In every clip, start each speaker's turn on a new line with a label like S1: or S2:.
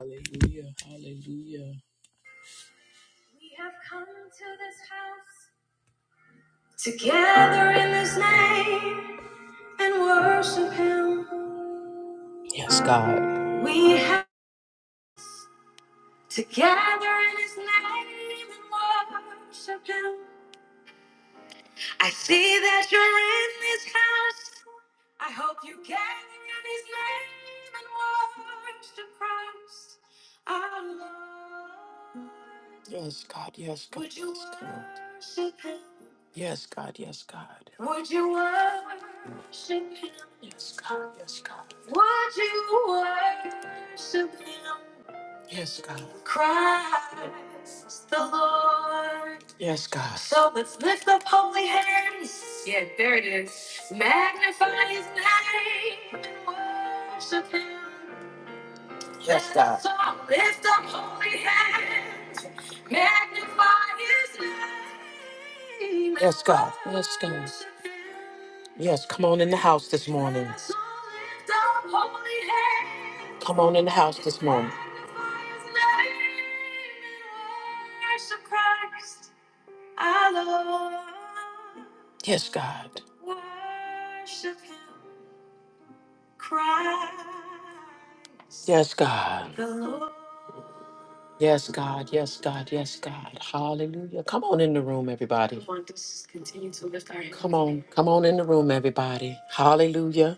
S1: Hallelujah. Hallelujah. We have come to this house together in his name and worship him. Yes, God. We have together in his name and worship him. I hope you gather in his name and worship Christ our Lord. Yes, God, yes, God. Would you yes, God. worship him? Yes, God, yes, God. Would you worship him? Yes, God, yes, God. Would you worship him? Yes, God. Christ the Lord. Yes, God. So let's lift up holy hands. Yeah, there it is. Magnify his name and worship him. Yes, God. So Lift up holy hands. Magnify his name. Yes, God. Yes, God. Yes, come on in the house this morning. So lift up holy hands. Come on in the house this morning. Magnify his name and worship Christ, our Lord. Yes, God. Worship him, Christ. Yes, God. The Lord. Yes, God. Yes, God. Yes, God. Hallelujah. Come on in the room, everybody. Come on. Come on in the room, everybody. Hallelujah.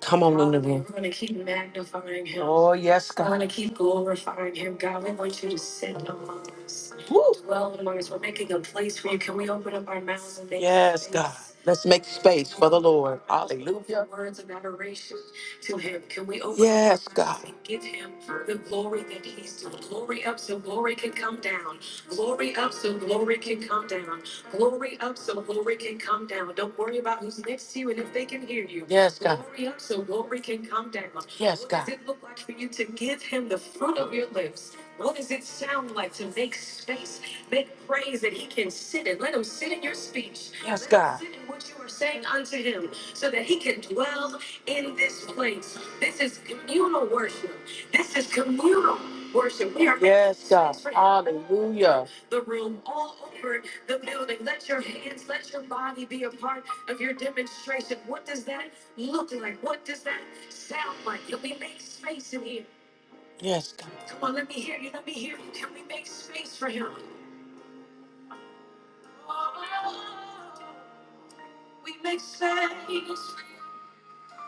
S1: Come on in the room. We want to keep magnifying him. Oh, yes, God. We want to keep glorifying him. God, we want you to sit among us. Woo. Dwell among us. We're making a place for you. Can we open up our mouths and make Yes, space? God. Let's make space for the Lord. Hallelujah. Words of adoration to him. Can we open Yes, up our Yes, mouths God. and give him the glory that he's due? Glory up so glory can come down. Glory up so glory can come down. Glory up so glory can come down. Don't worry about who's next to you and if they can hear you. Yes, God. Glory up so glory can come down. Yes, What God. does it look like for you to give him the fruit of your lips? What does it sound like to make space, make praise that he can sit in? Let him sit in your speech. Yes, Let him God. Him sit in what you are saying unto him so that he can dwell in this place. This is communal worship. This is communal worship. We are Yes, God. space Hallelujah the room, all over the building. Let your hands, let your body be a part of your demonstration. What does that look like? What does that sound like? Can we make space in here? Yes, God. Come on, let me hear you. Let me hear you. Can we make space for him? Oh, We make space.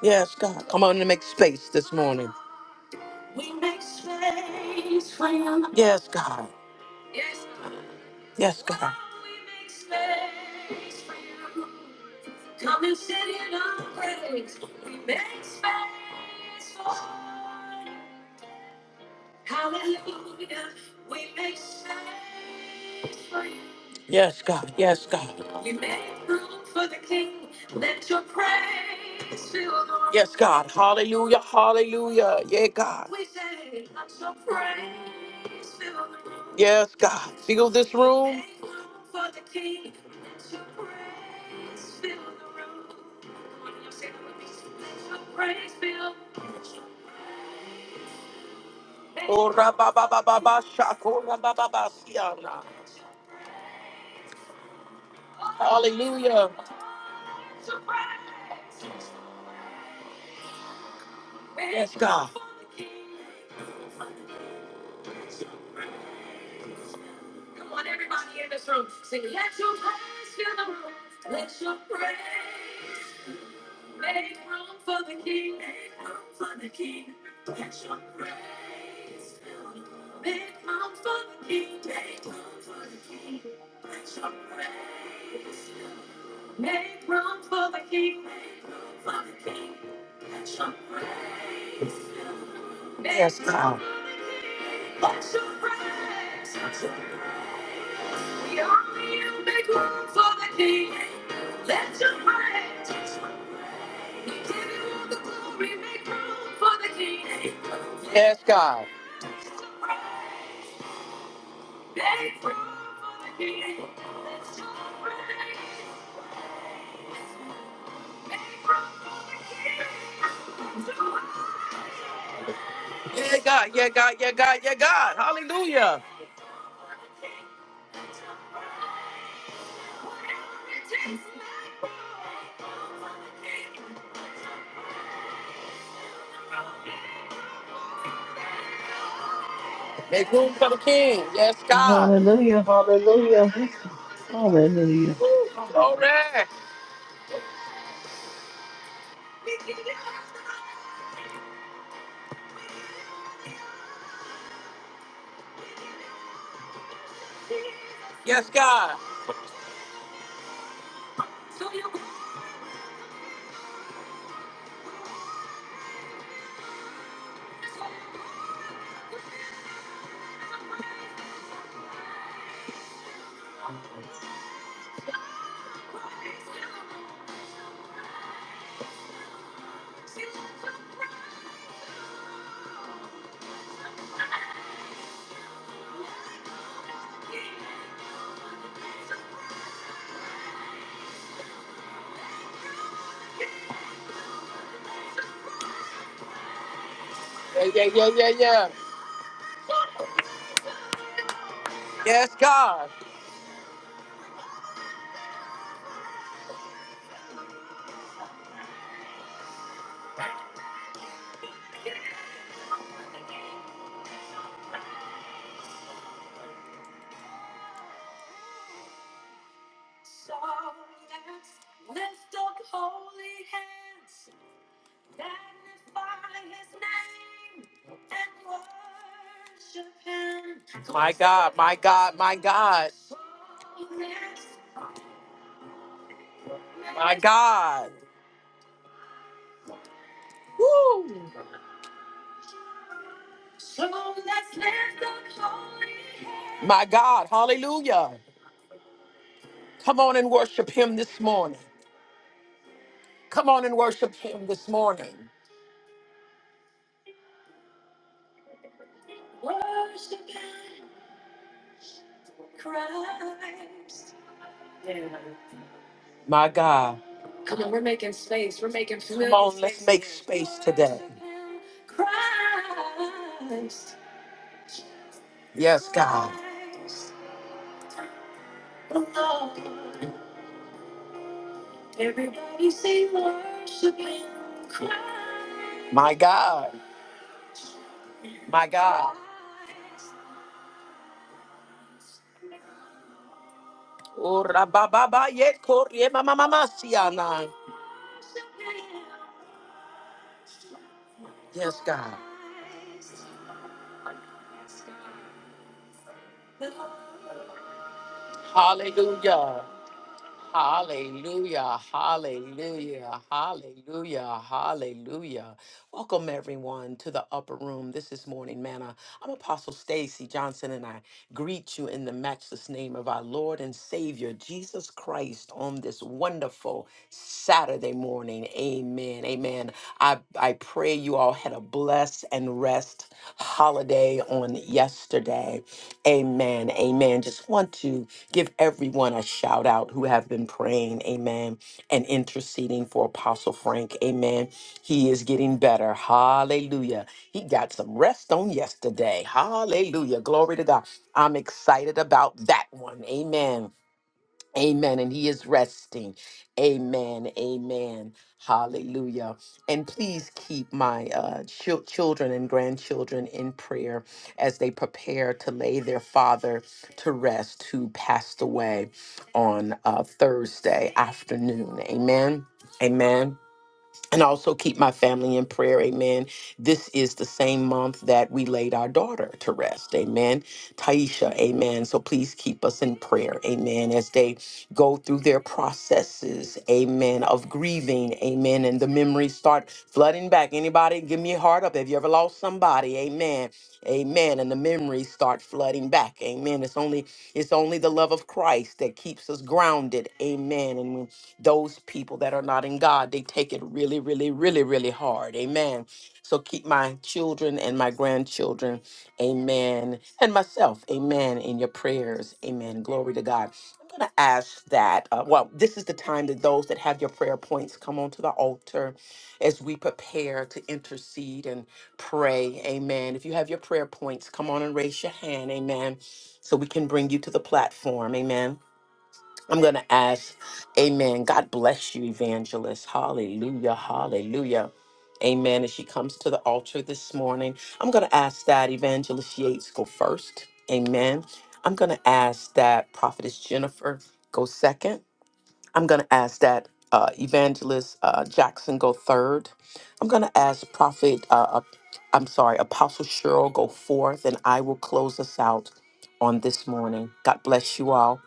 S1: Yes, God. Come on and make space this morning. We make space for him. Yes, God. Yes, God. Yes, God. Oh, We make space for you. Come and sit in our praise. We make space for you. Hallelujah. We make space for you. Yes, God. Yes, God. We make room for the King. Let your praise fill the room. Yes, God. Hallelujah. Hallelujah. Yeah, God. We say, let your praise fill the room. Yes, God. Fill this room. Make room for the King. Let your praise fill the room. Come on, y'all say that with me. Let your praise fill. Ora ba ba ba ba ba shakora ba ba ba siana. Hallelujah. Yes, God. Come on, everybody in this room. Sing, let your praise fill the room. Let your praise. Make room for the King. Make room for the King. Let your praise fill the room. Make room for the King. Make room for the King. Let your praise fill the room. Make room for the King. Make room for the King. Let your praise fill the room. Yes, God. Yes, God. Yeah, God. Yeah, God. Yeah, God. Yeah, God. Hallelujah. Make room for the King. Yes, God.
S2: Hallelujah, hallelujah, hallelujah.
S1: Glory. Yes, God. Yeah, yeah, yeah, yeah, yeah. Yes, God. My God, my God, my God. My God. Woo! My God, hallelujah. Come on and worship him this morning. Come on and worship him this morning. Worship Christ. My God. Come on, we're making space. We're making familiar Come on, let's space. make space today. Christ. Yes, God. Christ alone. Everybody say worshiping Christ. My God. My God. Christ. Oh, rabababa, yet korie mama mama siana. Yes, God. Hallelujah. Hallelujah. Hallelujah. Hallelujah. Hallelujah. Welcome everyone to the upper room. This is Morning Manna. I'm Apostle Stacy Johnson and I greet you in the matchless name of our Lord and Savior Jesus Christ on this wonderful Saturday morning. Amen. Amen. I I pray you all had a blessed and rest holiday on yesterday. Amen. Amen. Just want to give everyone a shout out who have been praying. Amen. And interceding for Apostle Frank. Amen. He is getting better. Hallelujah. He got some rest on yesterday. Hallelujah. Glory to God. I'm excited about that one. Amen. Amen. And he is resting. Amen. Amen. Hallelujah. And please keep my uh, chil- children and grandchildren in prayer as they prepare to lay their father to rest, who passed away on uh, Thursday afternoon. Amen. Amen and also keep my family in prayer. Amen. This is the same month that we laid our daughter to rest. Amen. Taisha, amen. So please keep us in prayer. Amen. As they go through their processes, amen, of grieving. Amen. And the memories start flooding back. Anybody, give me a heart up. Have you ever lost somebody? Amen. Amen. And the memories start flooding back. Amen. It's only it's only the love of Christ that keeps us grounded. Amen. And when those people that are not in God. They take it really, really, really, really hard. Amen. So keep my children and my grandchildren, amen, and myself, amen, in your prayers. Amen. Glory to God. I'm going to ask that. Uh, well, this is the time that those that have your prayer points come onto the altar as we prepare to intercede and pray. Amen. If you have your prayer points, come on and raise your hand. Amen. So we can bring you to the platform. Amen. I'm going to ask, Amen. God bless you, evangelist. Hallelujah. Hallelujah. Amen. As she comes to the altar this morning, I'm going to ask that Evangelist Yates go first. Amen. I'm going to ask that Prophetess Jennifer go second. I'm going to ask that uh, Evangelist uh, Jackson go third. I'm going to ask Prophet, uh, uh, I'm sorry, Apostle Cheryl go fourth, and I will close us out on this morning. God bless you all.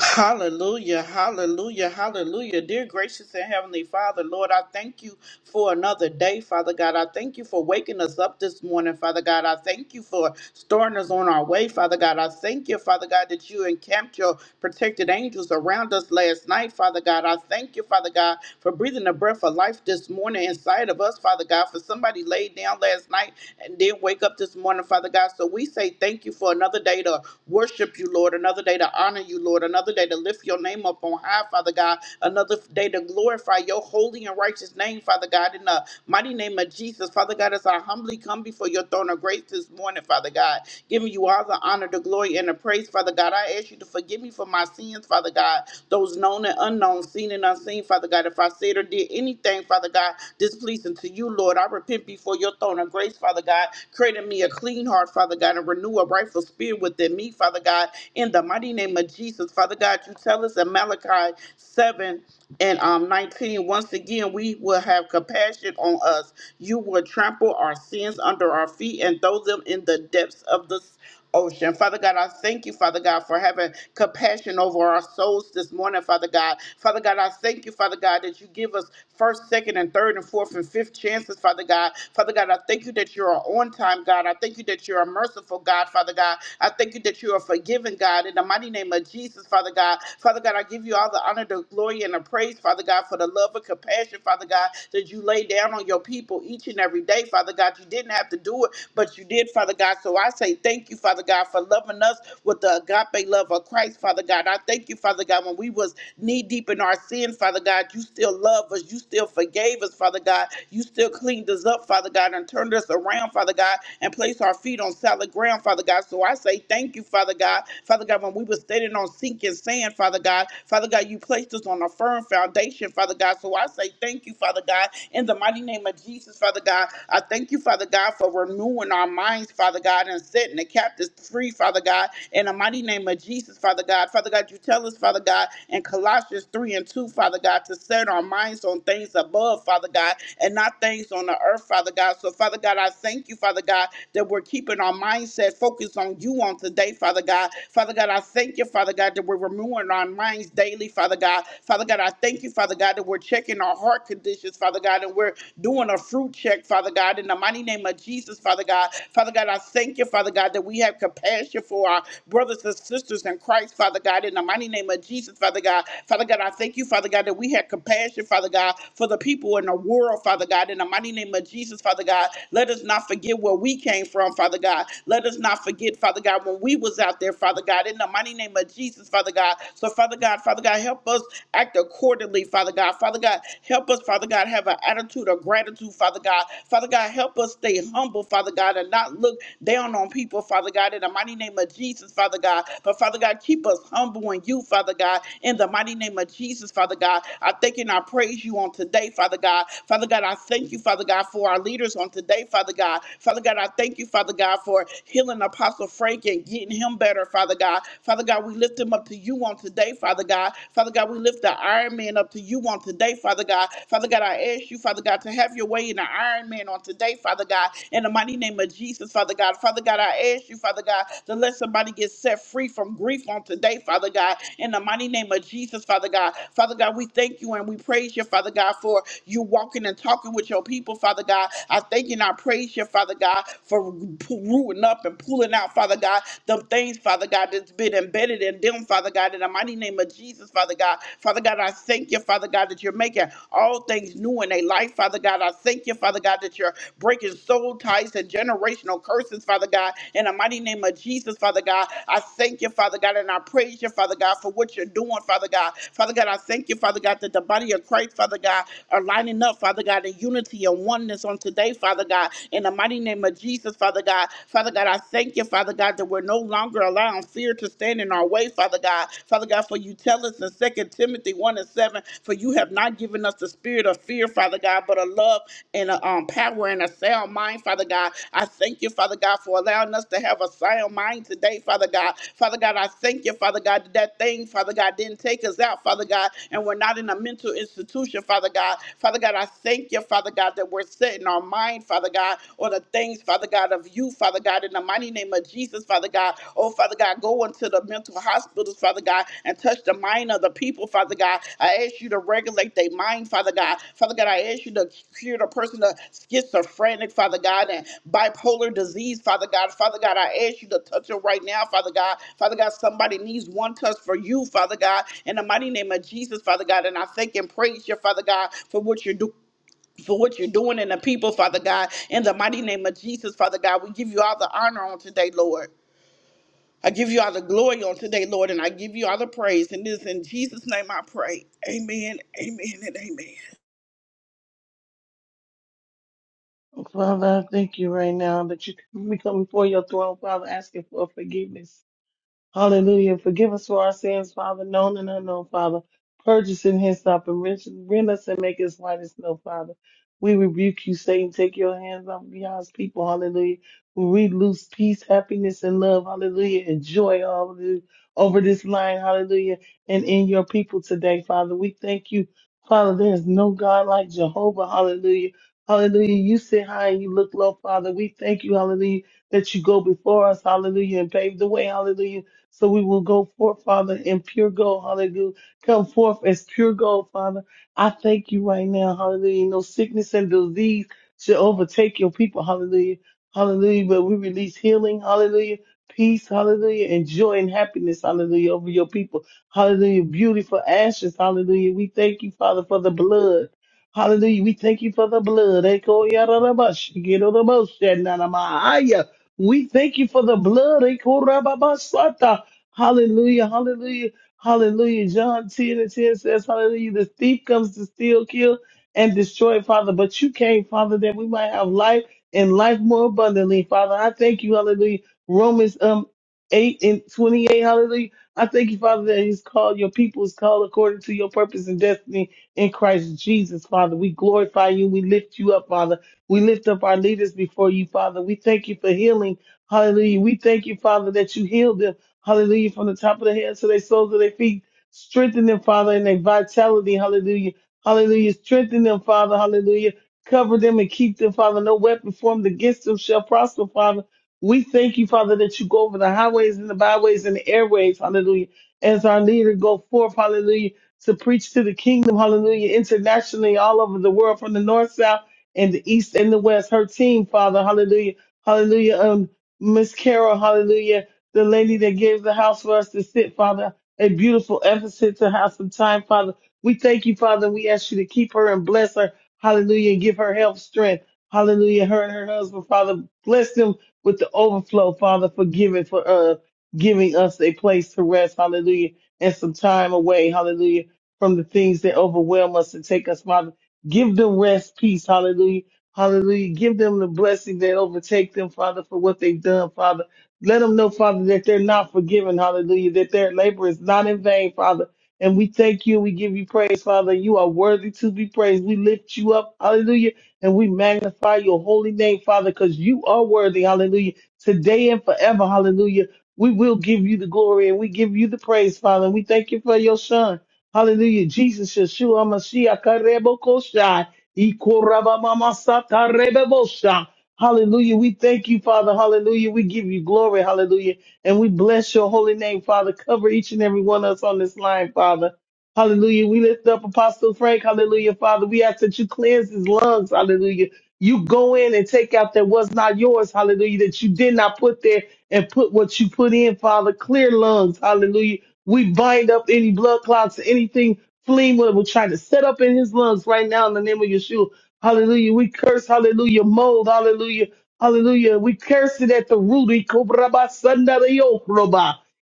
S3: Hallelujah, hallelujah, hallelujah. Dear gracious and heavenly Father, Lord, I thank you for another day, Father God. I thank you for waking us up this morning, Father God. I thank you for starting us on our way, Father God. I thank you, Father God, that you encamped your protected angels around us last night, Father God. I thank you, Father God, for breathing the breath of life this morning inside of us, Father God, for somebody laid down last night and didn't wake up this morning morning, Father God. So we say thank you for another day to worship you, Lord, another day to honor you, Lord, another day to lift your name up on high, Father God, another day to glorify your holy and righteous name, Father God, in the mighty name of Jesus. Father God, as I humbly come before your throne of grace this morning, Father God, giving you all the honor, the glory, and the praise, Father God. I ask you to forgive me for my sins, Father God, those known and unknown, seen and unseen, Father God. If I said or did anything, anything, Father God, displeasing to you, Lord. I repent before your throne of grace, Father God. Create in me a clean heart, Father God, and renew a rightful spirit within me, Father God. In the mighty name of Jesus, Father God, you tell us in Malachi 7 and um, 19, once again, we will have compassion on us. You will trample our sins under our feet and throw them in the depths of the ocean. Father God, I thank you, Father God, for having compassion over our souls this morning, Father God. Father God, I thank you, Father God, that you give us first, second, and third, and fourth, and fifth chances, Father God. Father God, I thank you that you're on time, God. I thank you that you're a merciful God, Father God. I thank you that you're a forgiving God. In the mighty name of Jesus, Father God. Father God, I give you all the honor, the glory, and the praise, Father God, for the love and compassion, Father God, that you lay down on your people each and every day, Father God. You didn't have to do it but you did, Father God. So I say thank you, Father God, for loving us with the agape love of Christ, Father God. I thank you, Father God, when we was knee deep in our sin, Father God, you still loved us. You still forgave us, Father God. You still cleaned us up, Father God, and turned us around, Father God, and placed our feet on solid ground ground, Father God. So I say thank you, Father God. Father God, when we were standing on sinking sand, Father God, Father God, you placed us on a firm foundation, Father God. So I say thank you, Father God, in the mighty name of Jesus, Father God. I thank you, Father God, for renewing our minds, Father God, and setting the captives free, Father God, in the mighty name of Jesus, Father God. Father God, you tell us, Father God, in Colossians 3 and 2, Father God, to set our minds on things above, Father God, and not things on the earth, Father God. So, Father God, I thank you, Father God, that we're keeping our mindset focused on you on today, Father God. Father God, I thank you, Father God, that we're renewing our minds daily, Father God. Father God, I thank you, Father God, that we're checking our heart conditions, Father God, and we're doing a fruit check, Father God, in the mighty name of Jesus, Father God. Father God, I thank you, Father God, that we have compassion for our brothers and sisters in Christ, Father God, in the mighty name of Jesus, Father God. Father God, I thank you, Father God, that we have compassion, Father God, for the people in the world, Father God, in the mighty name of Jesus, Father God. Let us not forget forget where we came from, Father God. Let us not forget, Father God, when we was out there, Father God, in the mighty name of Jesus, Father God. So, Father God, Father God, help us act accordingly, Father God. Father God, help us, Father God, have an attitude of gratitude, Father God. Father God, help us stay humble, Father God, and not look down on people, Father God, in the mighty name of Jesus, Father God. But Father God, keep us humble in you, Father God, in the mighty name of Jesus, Father God. I thank and I praise you on today, Father God. Father God, I thank you, Father God, for our leaders on today, Father God. Father God, I thank you, Father God, for healing Apostle Frank and getting him better, Father God. Father God, we lift him up to you on today, Father God. Father God, we lift the Iron Man up to you on today, Father God. Father God, I ask you, Father God, to have your way in the Iron Man on today, Father God. In the mighty name of Jesus, Father God. Father God, I ask you, Father God, to let somebody get set free from grief on today, Father God. In the mighty name of Jesus, Father God. Father God, we thank you and we praise you, Father God, for you walking and talking with your people, Father God. I I thank you and I praise you, Father God, for pu- rooting up and pulling out, Father God, the things, Father God, that's been embedded in them, Father God, in the mighty name of Jesus, Father God. Father God, I thank you, Father God, that you're making all things new in their life, Father God. I thank you, Father God, that you're breaking soul ties and generational curses, Father God, in the mighty name of Jesus, Father God. I thank you, Father God, and I praise you, Father God, for what you're doing, Father God. Father God, I thank you, Father God, that the body of Christ, Father God, are lining up, Father God, in unity and oneness oneness on today, Father God. In the mighty name of Jesus, Father God. Father God, I thank you, Father God, that we're no longer allowing fear to stand in our way, Father God. Father God, for you tell us in Second Timothy 1 and 7, for you have not given us the spirit of fear, Father God, but a love and a um, power and a sound mind, Father God. I thank you, Father God, for allowing us to have a sound mind today, Father God. Father God, I thank you, Father God, that that thing, Father God, didn't take us out, Father God, and we're not in a mental institution, Father God. Father God, I thank you, Father. Father God, that we're setting our mind, Father God, on the things, Father God, of you, Father God, in the mighty name of Jesus, Father God. Oh, Father God, go into the mental hospitals, Father God, and touch the mind of the people, Father God. I ask you to regulate their mind, Father God. Father God, I ask you to cure the person of schizophrenic, Father God, and bipolar disease, Father God. Father God, I ask you to touch it right now, Father God. Father God, somebody needs one touch for you, Father God, in the mighty name of Jesus, Father God. And I thank and praise you, Father God, for what you're doing for what you're doing in the people, Father God. In the mighty name of Jesus, Father God, we give you all the honor on today, Lord. I give you all the glory on today, Lord, and I give you all the praise. And this in Jesus' name I pray. Amen, amen, and amen.
S2: Father, I thank you right now that you we come before your throne, Father, asking for forgiveness. Hallelujah. Forgive us for our sins, Father, known and unknown, Father. Purge us in his up and rend rend us and make us white as snow, Father. We rebuke you, Satan. Take your hands off God's people. Hallelujah. We lose peace, happiness, and love. Hallelujah. And joy hallelujah, over this line. Hallelujah. And in your people today, Father. We thank you, Father. There is no God like Jehovah. Hallelujah. Hallelujah. You sit high and you look low, Father. We thank you, hallelujah, that you go before us. Hallelujah. And pave the way. Hallelujah so we will go forth, Father, in pure gold. Hallelujah. Come forth as pure gold, Father. I thank you right now. Hallelujah. No sickness and disease should overtake your people. Hallelujah. Hallelujah. But we release healing. Hallelujah. Peace. Hallelujah. And joy and happiness. Hallelujah. Over your people. Hallelujah. Beautiful ashes. Hallelujah. We thank you, Father, for the blood. Hallelujah. We thank you for the blood. Eko yararabash, gedoroboshe nanamaya. We thank you for the blood. Eko rababasata. Hallelujah, hallelujah, hallelujah. John 10 and 10 says, Hallelujah. The thief comes to steal, kill, and destroy, Father. But you came, Father, that we might have life and life more abundantly, Father. I thank you, hallelujah. Romans um 8 and 28, hallelujah. I thank you, Father, that He's called your people is called according to your purpose and destiny in Christ Jesus, Father. We glorify you. We lift you up, Father. We lift up our leaders before you, Father. We thank you for healing. Hallelujah. We thank you, Father, that you healed them. Hallelujah. From the top of their heads to their soles of their feet. Strengthen them, Father, in their vitality. Hallelujah. Hallelujah. Strengthen them, Father. Hallelujah. Cover them and keep them, Father. No weapon formed against them shall prosper, Father. We thank you, Father, that you go over the highways and the byways and the airways. Hallelujah. As our leader go forth, hallelujah, to preach to the kingdom, hallelujah, internationally all over the world, from the north, south, and the east and the west. Her team, Father, hallelujah. Hallelujah. Um, Miss Carol, hallelujah the lady that gave the house for us to sit, Father. A beautiful emphasis to have some time, Father. We thank you, Father. We ask you to keep her and bless her. Hallelujah. And give her health, strength. Hallelujah. Her and her husband, Father. Bless them with the overflow, Father, for giving for uh giving us a place to rest. Hallelujah. And some time away. Hallelujah. From the things that overwhelm us and take us, Father. Give them rest, peace. Hallelujah. Hallelujah. Give them the blessing that overtake them, Father, for what they've done, Father let them know, Father, that they're not forgiven. Hallelujah. That their labor is not in vain, Father. And we thank you. We give you praise, Father. You are worthy to be praised. We lift you up. Hallelujah. And we magnify your holy name, Father, because you are worthy. Hallelujah. Today and forever. Hallelujah. We will give you the glory and we give you the praise, Father. And we thank you for your son. Hallelujah. Jesus, Yeshua, Mashiach, Karebo Koshai, Ikorabamamasata, Rebebosha. Hallelujah. We thank you, Father. Hallelujah. We give you glory. Hallelujah. And we bless your holy name, Father. Cover each and every one of us on this line, Father. Hallelujah. We lift up Apostle Frank. Hallelujah, Father. We ask that you cleanse his lungs. Hallelujah. You go in and take out that was not yours, hallelujah, that you did not put there and put what you put in, Father. Clear lungs, hallelujah. We bind up any blood clots, anything fleeing what we're trying to set up in his lungs right now in the name of Yeshua. Hallelujah. We curse, hallelujah, mold, hallelujah, hallelujah. We curse it at the root.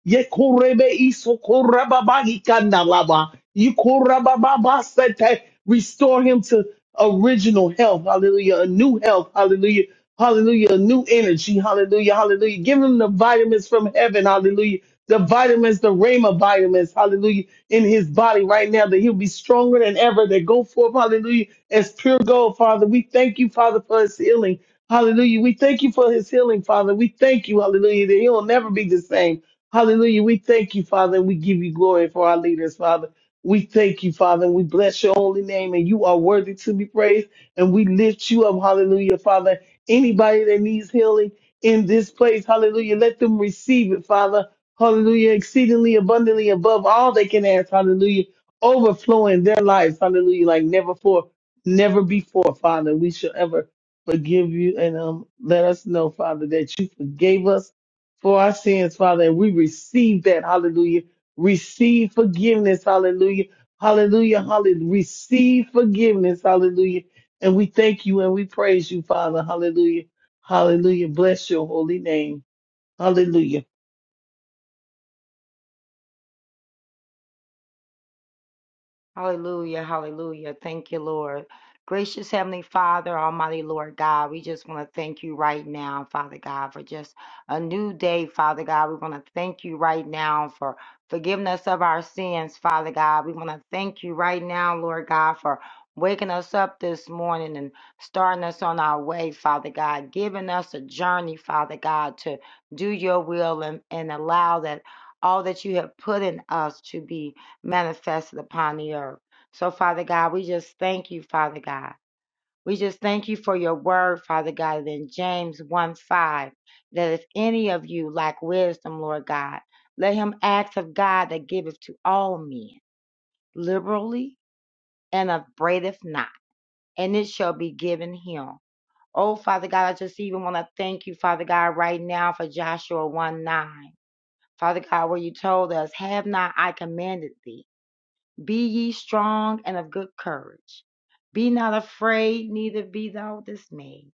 S2: Yekorebe isokorababa ikandalaba. Ikorababa sete. Restore him to original health. Hallelujah. A new health. Hallelujah. Hallelujah. A new energy. Hallelujah. Hallelujah. Give him the vitamins from heaven. Hallelujah. The vitamins, the Rhema vitamins, hallelujah, in his body right now, that he'll be stronger than ever, that go forth, hallelujah, as pure gold, Father. We thank you, Father, for his healing. Hallelujah. We thank you for his healing, Father. We thank you, hallelujah, that he'll never be the same. Hallelujah. We thank you, Father, and we give you glory for our leaders, Father. We thank you, Father, and we bless your holy name, and you are worthy to be praised, and we lift you up. Hallelujah, Father. Anybody that needs healing in this place, hallelujah, let them receive it, Father. Hallelujah, exceedingly abundantly above all they can ask, hallelujah, overflowing their lives, hallelujah, like never before, never before, Father. We shall ever forgive you and um, let us know, Father, that you forgave us for our sins, Father, and we receive that. Hallelujah. Receive forgiveness. Hallelujah. Hallelujah. Hallelujah. Receive forgiveness. Hallelujah. And we thank you and we praise you, Father. Hallelujah. Hallelujah. Bless your holy name. Hallelujah.
S4: Hallelujah, hallelujah. Thank you, Lord. Gracious Heavenly Father, Almighty Lord God, we just want to thank you right now, Father God, for just a new day, Father God. We want to thank you right now for forgiving us of our sins, Father God. We want to thank you right now, Lord God, for waking us up this morning and starting us on our way, Father God, giving us a journey, Father God, to do your will and, and allow that all that you have put in us to be manifested upon the earth. So, Father God, we just thank you, Father God. We just thank you for your word, Father God, in James 1 5, that if any of you lack wisdom, Lord God, let him ask of God that giveth to all men liberally and upbraideth not, and it shall be given him. Oh, Father God, I just even want to thank you, Father God, right now for Joshua 1 9. Father God, where you told us, Have not I commanded thee? Be ye strong and of good courage. Be not afraid, neither be thou dismayed.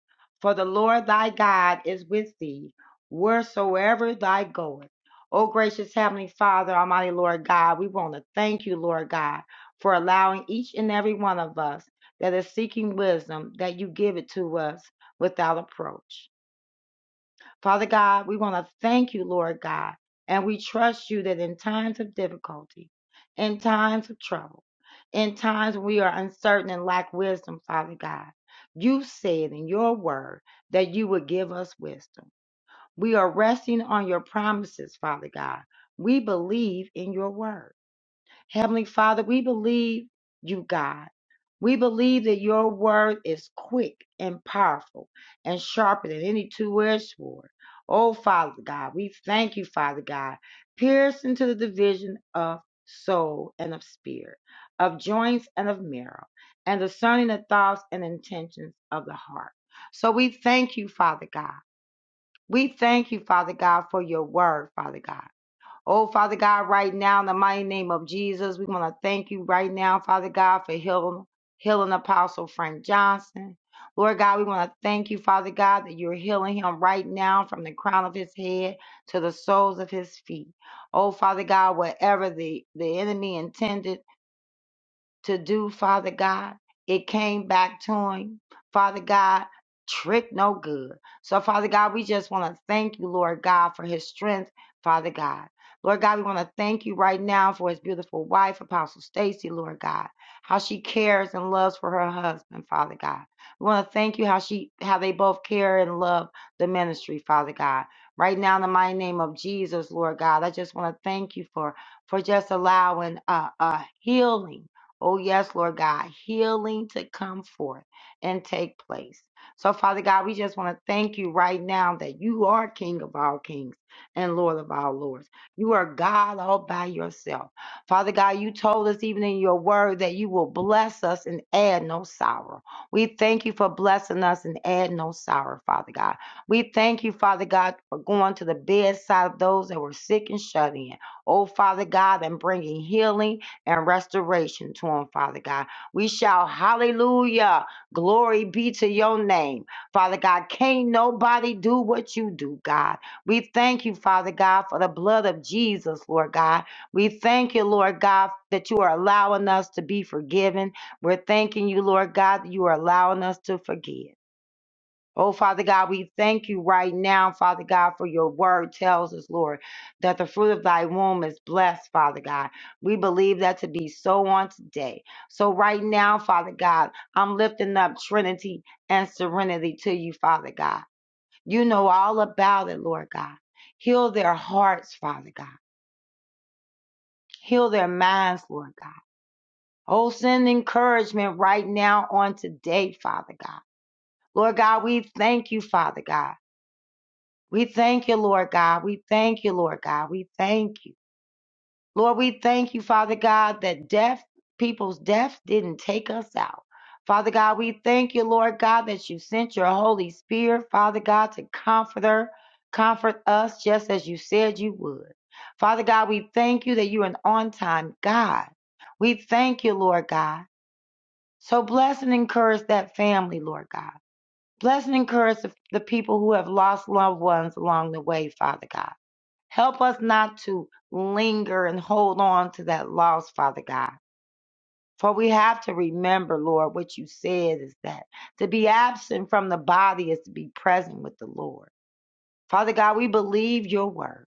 S4: For the Lord thy God is with thee wheresoever thou goest. O gracious Heavenly Father, Almighty Lord God, we want to thank you, Lord God, for allowing each and every one of us that is seeking wisdom that you give it to us without approach. Father God, we want to thank you, Lord God, and we trust you that in times of difficulty, in times of trouble, in times when we are uncertain and lack wisdom, Father God, you said in your word that you would give us wisdom. We are resting on your promises, Father God. We believe in your word. Heavenly Father, we believe you, God. We believe that your word is quick and powerful and sharper than any two-edged sword. Oh, Father God, we thank you, Father God, piercing to the division of soul and of spirit, of joints and of marrow, and discerning the thoughts and intentions of the heart. So we thank you, Father God. We thank you, Father God, for your word, Father God. Oh, Father God, right now, in the mighty name of Jesus, we want to thank you right now, Father God, for healing, healing Apostle Frank Johnson. Lord God, we want to thank you, Father God, that you're healing him right now from the crown of his head to the soles of his feet. Oh, Father God, whatever the, the enemy intended to do, Father God. It came back to him, Father God. Trick no good. So, Father God, we just want to thank you, Lord God, for his strength, Father God. Lord God, we want to thank you right now for his beautiful wife, Apostle Stacy, Lord God, how she cares and loves for her husband, Father God. We want to thank you how she, how they both care and love the ministry, Father God. Right now, in the mighty name of Jesus, Lord God, I just want to thank you for for just allowing uh, uh, healing Oh, yes, Lord God, healing to come forth and take place. So, Father God, we just want to thank you right now that you are King of all kings and Lord of all lords. You are God all by yourself. Father God, you told us even in your word that you will bless us and add no sorrow. We thank you for blessing us and add no sorrow, Father God. We thank you, Father God, for going to the bedside of those that were sick and shut in. Oh, Father God, and bringing healing and restoration to them, Father God. We shout hallelujah. Glory be to your name. Father God, can't nobody do what you do, God. We thank you, Father God, for the blood of Jesus, Lord God. We thank you, Lord God, that you are allowing us to be forgiven. We're thanking you, Lord God, that you are allowing us to forgive. Oh, Father God, we thank you right now, Father God, for your word tells us, Lord, that the fruit of thy womb is blessed, Father God. We believe that to be so on today. So, right now, Father God, I'm lifting up Trinity and Serenity to you, Father God. You know all about it, Lord God. Heal their hearts, Father God. Heal their minds, Lord God. Oh, send encouragement right now on today, Father God. Lord God, we thank you, Father God. We thank you, Lord God. We thank you, Lord God. We thank you. Lord, we thank you, Father God, that death, people's death didn't take us out. Father God, we thank you, Lord God, that you sent your Holy Spirit, Father God, to comfort her, comfort us just as you said you would. Father God, we thank you that you're an on time God. We thank you, Lord God. So bless and encourage that family, Lord God. Bless and encourage the the people who have lost loved ones along the way, Father God. Help us not to linger and hold on to that loss, Father God. For we have to remember, Lord, what you said is that to be absent from the body is to be present with the Lord. Father God, we believe your word.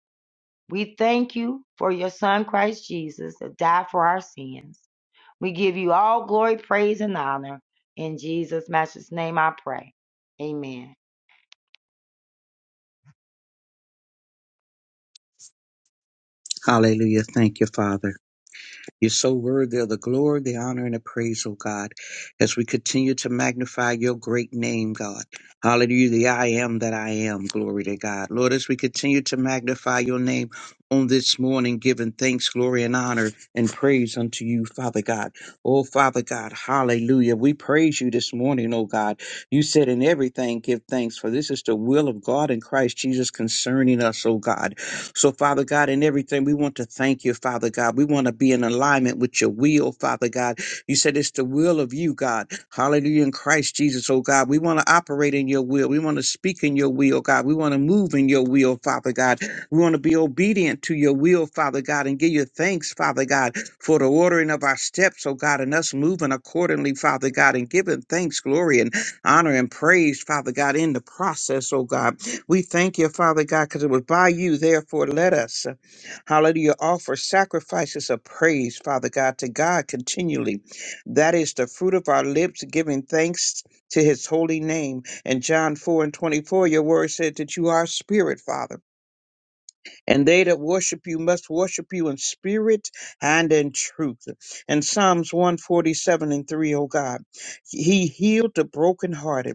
S4: We thank you for your son, Christ Jesus, that died for our sins. We give you all glory, praise, and honor. In Jesus' matchless name I pray. Amen.
S5: Hallelujah. Thank you, Father. You're so worthy of the glory, the honor, and the praise, oh God, as we continue to magnify your great name, God. Hallelujah. The I am that I am. Glory to God. Lord, as we continue to magnify your name on this morning, giving thanks, glory, and honor and praise unto you, Father God. Oh, Father God. Hallelujah. We praise you this morning, oh God. You said in everything, give thanks, for this is the will of God in Christ Jesus concerning us, oh God. So, Father God, in everything, we want to thank you, Father God. We want to be in alignment with your will, Father God. You said it's the will of you, God. Hallelujah in Christ Jesus, oh God. We want to operate in your will. We want to speak in your will, God. We want to move in your will, Father God. We want to be obedient to your will, Father God, and give you thanks, Father God, for the ordering of our steps, oh God, and us moving accordingly, Father God, and giving thanks, glory, and honor and praise, Father God, in the process, oh God. We thank you, Father God, because it was by you. Therefore, let us, uh, hallelujah, offer sacrifices of praise, Father God, to God continually. That is the fruit of our lips, giving thanks to his holy name. And John 4 and 24, your word said that you are spirit, Father. And they that worship you must worship you in spirit and in truth. And Psalms 147 and 3, O God, he healed the brokenhearted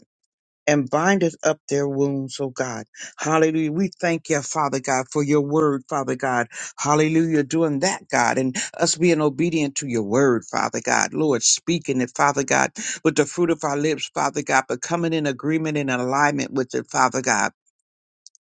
S5: and bindeth up their wounds, oh God. Hallelujah. We thank you, Father God, for your word, Father God. Hallelujah. Doing that, God, and us being obedient to your word, Father God. Lord, speaking it, Father God, with the fruit of our lips, Father God, but coming in agreement and alignment with it, Father God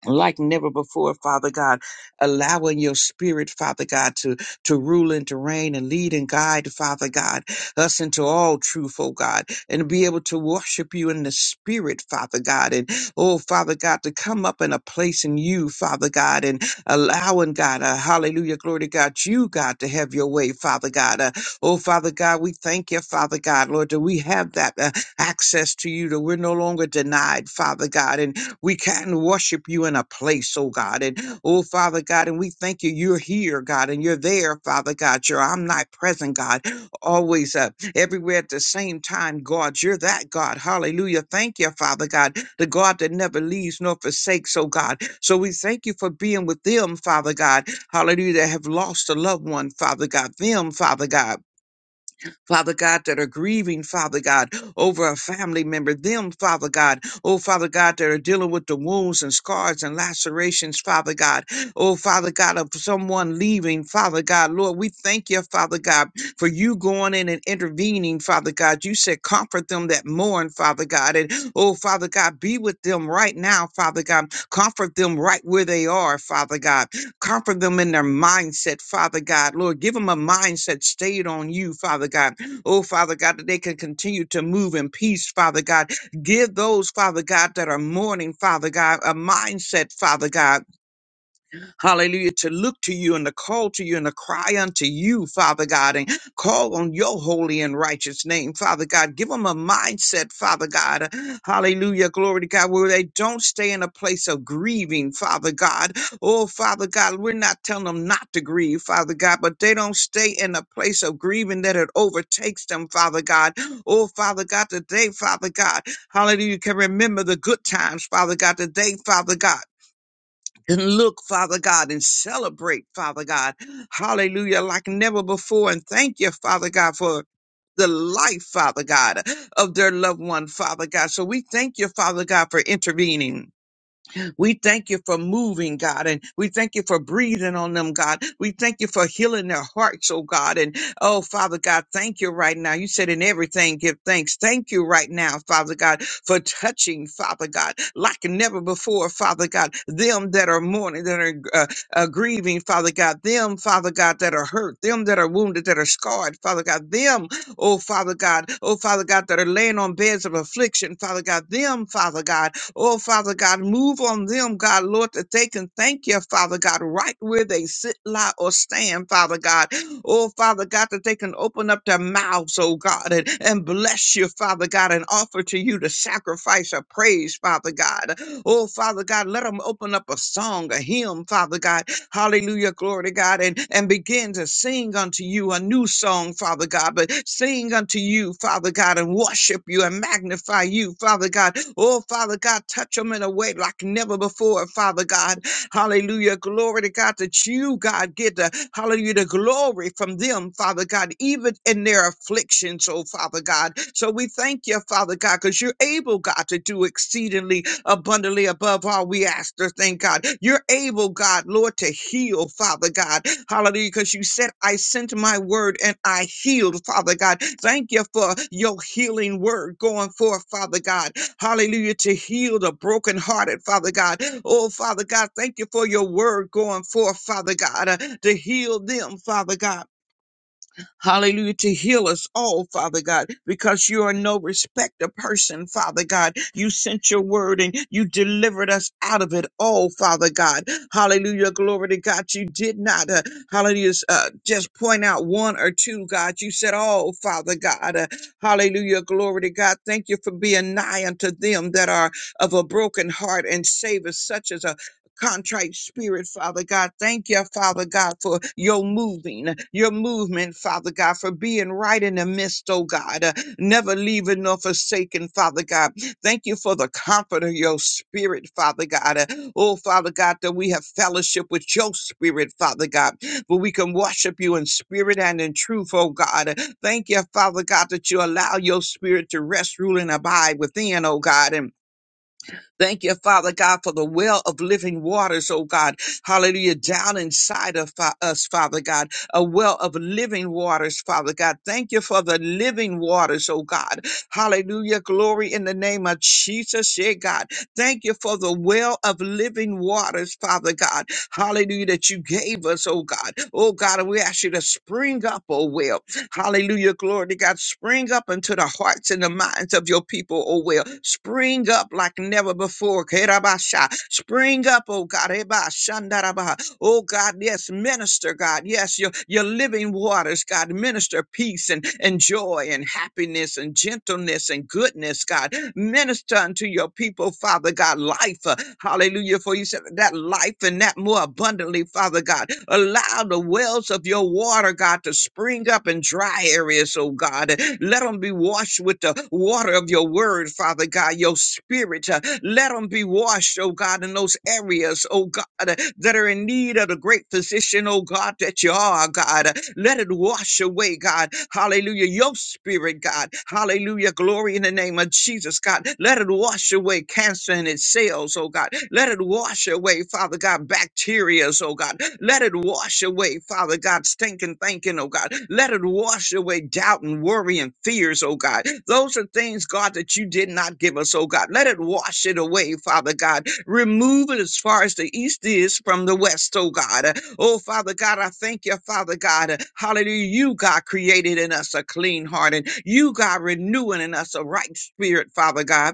S5: like never before, Father God, allowing your spirit, Father God, to, to rule and to reign and lead and guide, Father God, us into all truth, oh God, and be able to worship you in the spirit, Father God, and oh Father God, to come up in a place in you, Father God, and allowing God, uh, hallelujah, glory to God, you, God, to have your way, Father God. Uh, oh Father God, we thank you, Father God, Lord, that we have that uh, access to you, that we're no longer denied, Father God, and we can worship you in a place, oh God. And oh, Father God, and we thank you. You're here, God, and you're there, Father God. You're omnipresent, God, always up, everywhere at the same time, God. You're that God. Hallelujah. Thank you, Father God, the God that never leaves nor forsakes, oh God. So we thank you for being with them, Father God. Hallelujah. That have lost a loved one, Father God. Them, Father God Father God, that are grieving, Father God, over a family member, them, Father God, oh, Father God, that are dealing with the wounds and scars and lacerations, Father God, oh, Father God, of someone leaving, Father God, Lord, we thank you, Father God, for you going in and intervening, Father God. You said, comfort them that mourn, Father God, and oh, Father God, be with them right now, Father God, comfort them right where they are, Father God, comfort them in their mindset, Father God, Lord, give them a mindset stayed on you, Father God. Oh, Father God, that they can continue to move in peace, Father God. Give those, Father God, that are mourning, Father God, a mindset, Father God, hallelujah, to look to you and to call to you and to cry unto you, Father God, and call on your holy and righteous name, Father God. Give them a mindset, Father God, hallelujah, glory to God, where they don't stay in a place of grieving, Father God. Oh, Father God, we're not telling them not to grieve, Father God, but they don't stay in a place of grieving that it overtakes them, Father God. Oh, Father God, today, Father God, hallelujah, you can remember the good times, Father God, today, Father God and look, Father God, and celebrate, Father God. Hallelujah, like never before. And thank you, Father God, for the life, Father God, of their loved one, Father God. So we thank you, Father God, for intervening. We thank you for moving, God, and we thank you for breathing on them, God. We thank you for healing their hearts, oh God. And oh, Father God, thank you right now. You said in everything, give thanks. Thank you right now, Father God, for touching, Father God, like never before, Father God, them that are mourning, that are uh, uh, grieving, Father God, them, Father God, that are hurt, them that are wounded, that are scarred, Father God, them, oh Father God, oh Father God, that are laying on beds of affliction, Father God, them, Father God. Oh, Father God, move on them, God, Lord, that they can thank you, Father God, right where they sit, lie, or stand, Father God. Oh, Father God, that they can open up their mouths, oh God, and, and bless you, Father God, and offer to you the sacrifice of praise, Father God. Oh, Father God, let them open up a song, a hymn, Father God, Hallelujah. Glory to God. And, and begin to sing unto you a new song, Father God. But sing unto you, Father God, and worship you and magnify you, Father God. Oh, Father God, touch them in a way like never before, Father God. Hallelujah. Glory to God that you, God, get the hallelujah, the glory from them, Father God, even in their afflictions, oh Father God. So we thank you, Father God, because you're able, God, to do exceedingly abundantly above all we ask or thank God. You're able, God, Lord, to heal, Father God. Hallelujah, because you said, I sent my word and I healed, Father God. Thank you for your healing word going forth, Father God. Hallelujah, to heal the brokenhearted, Father God. Oh, Father God, thank you for your word going forth, Father God, uh, to heal them, Father God. Hallelujah, to heal us all, Father God, because you are no respecter person, Father God. You sent your word and you delivered us out of it all, Father God. Hallelujah, glory to God. You did not, uh, hallelujah, uh, just point out one or two, God. You said all, Father God. Uh, hallelujah, glory to God. Thank you for being nigh unto them that are of a broken heart and save us, such as contrite spirit, Father God. Thank you, Father God, for your moving, your movement, Father God, for being right in the midst, oh God, uh, never leaving nor forsaken, Father God. Thank you for the comfort of your spirit, Father God. Uh, Oh, Father God, that we have fellowship with your spirit, Father God, where we can worship you in spirit and in truth, oh God. Uh, Thank you, Father God, that you allow your spirit to rest, rule, and abide within, oh God. And Thank you, Father God, for the well of living waters, oh God. Hallelujah. Down inside of fa- us, Father God, a well of living waters, Father God. Thank you for the living waters, oh God. Hallelujah. Glory in the name of Jesus, yeah, God. Thank you for the well of living waters, Father God. Hallelujah, that you gave us, oh God. Oh God, and we ask you to spring up, oh well. Hallelujah. Glory to God. Spring up into the hearts and the minds of your people, oh well. Spring up like never before. Kerabasha. Spring up, oh God. Ebashandarabaha. Oh God, yes, minister, God. Yes, your, your living waters, God. Minister peace and, and joy and happiness and gentleness and goodness, God. Minister unto your people, Father God, life. uh, Hallelujah. For you said that life and that more abundantly, Father God. Allow Allow the wells of your water, God, to spring up in dry areas, oh God. Let them be washed with the water of your word, Father God, your spirit. uh, Let them be washed, oh God, in those areas, oh God, uh, that are in need of the great physician, oh God, that you are, God. Uh, Let it wash away, God. Hallelujah. Your spirit, God. Hallelujah. Glory in the name of Jesus, God. Let it wash away cancer in its cells, oh God. Let it wash away, Father God, bacteria, oh God. Let it wash away, Father God, stinking thinking, oh God. Let it wash away doubt and worry and fears, oh God. Those are things, God, that you did not give us, oh God. Let it wash it away, Father God. Remove it as far as the east is from the west, oh God. Oh, Father God, I thank you, Father God. Hallelujah. You, God, created in us a clean heart and you, God, renewing in us a right spirit, Father God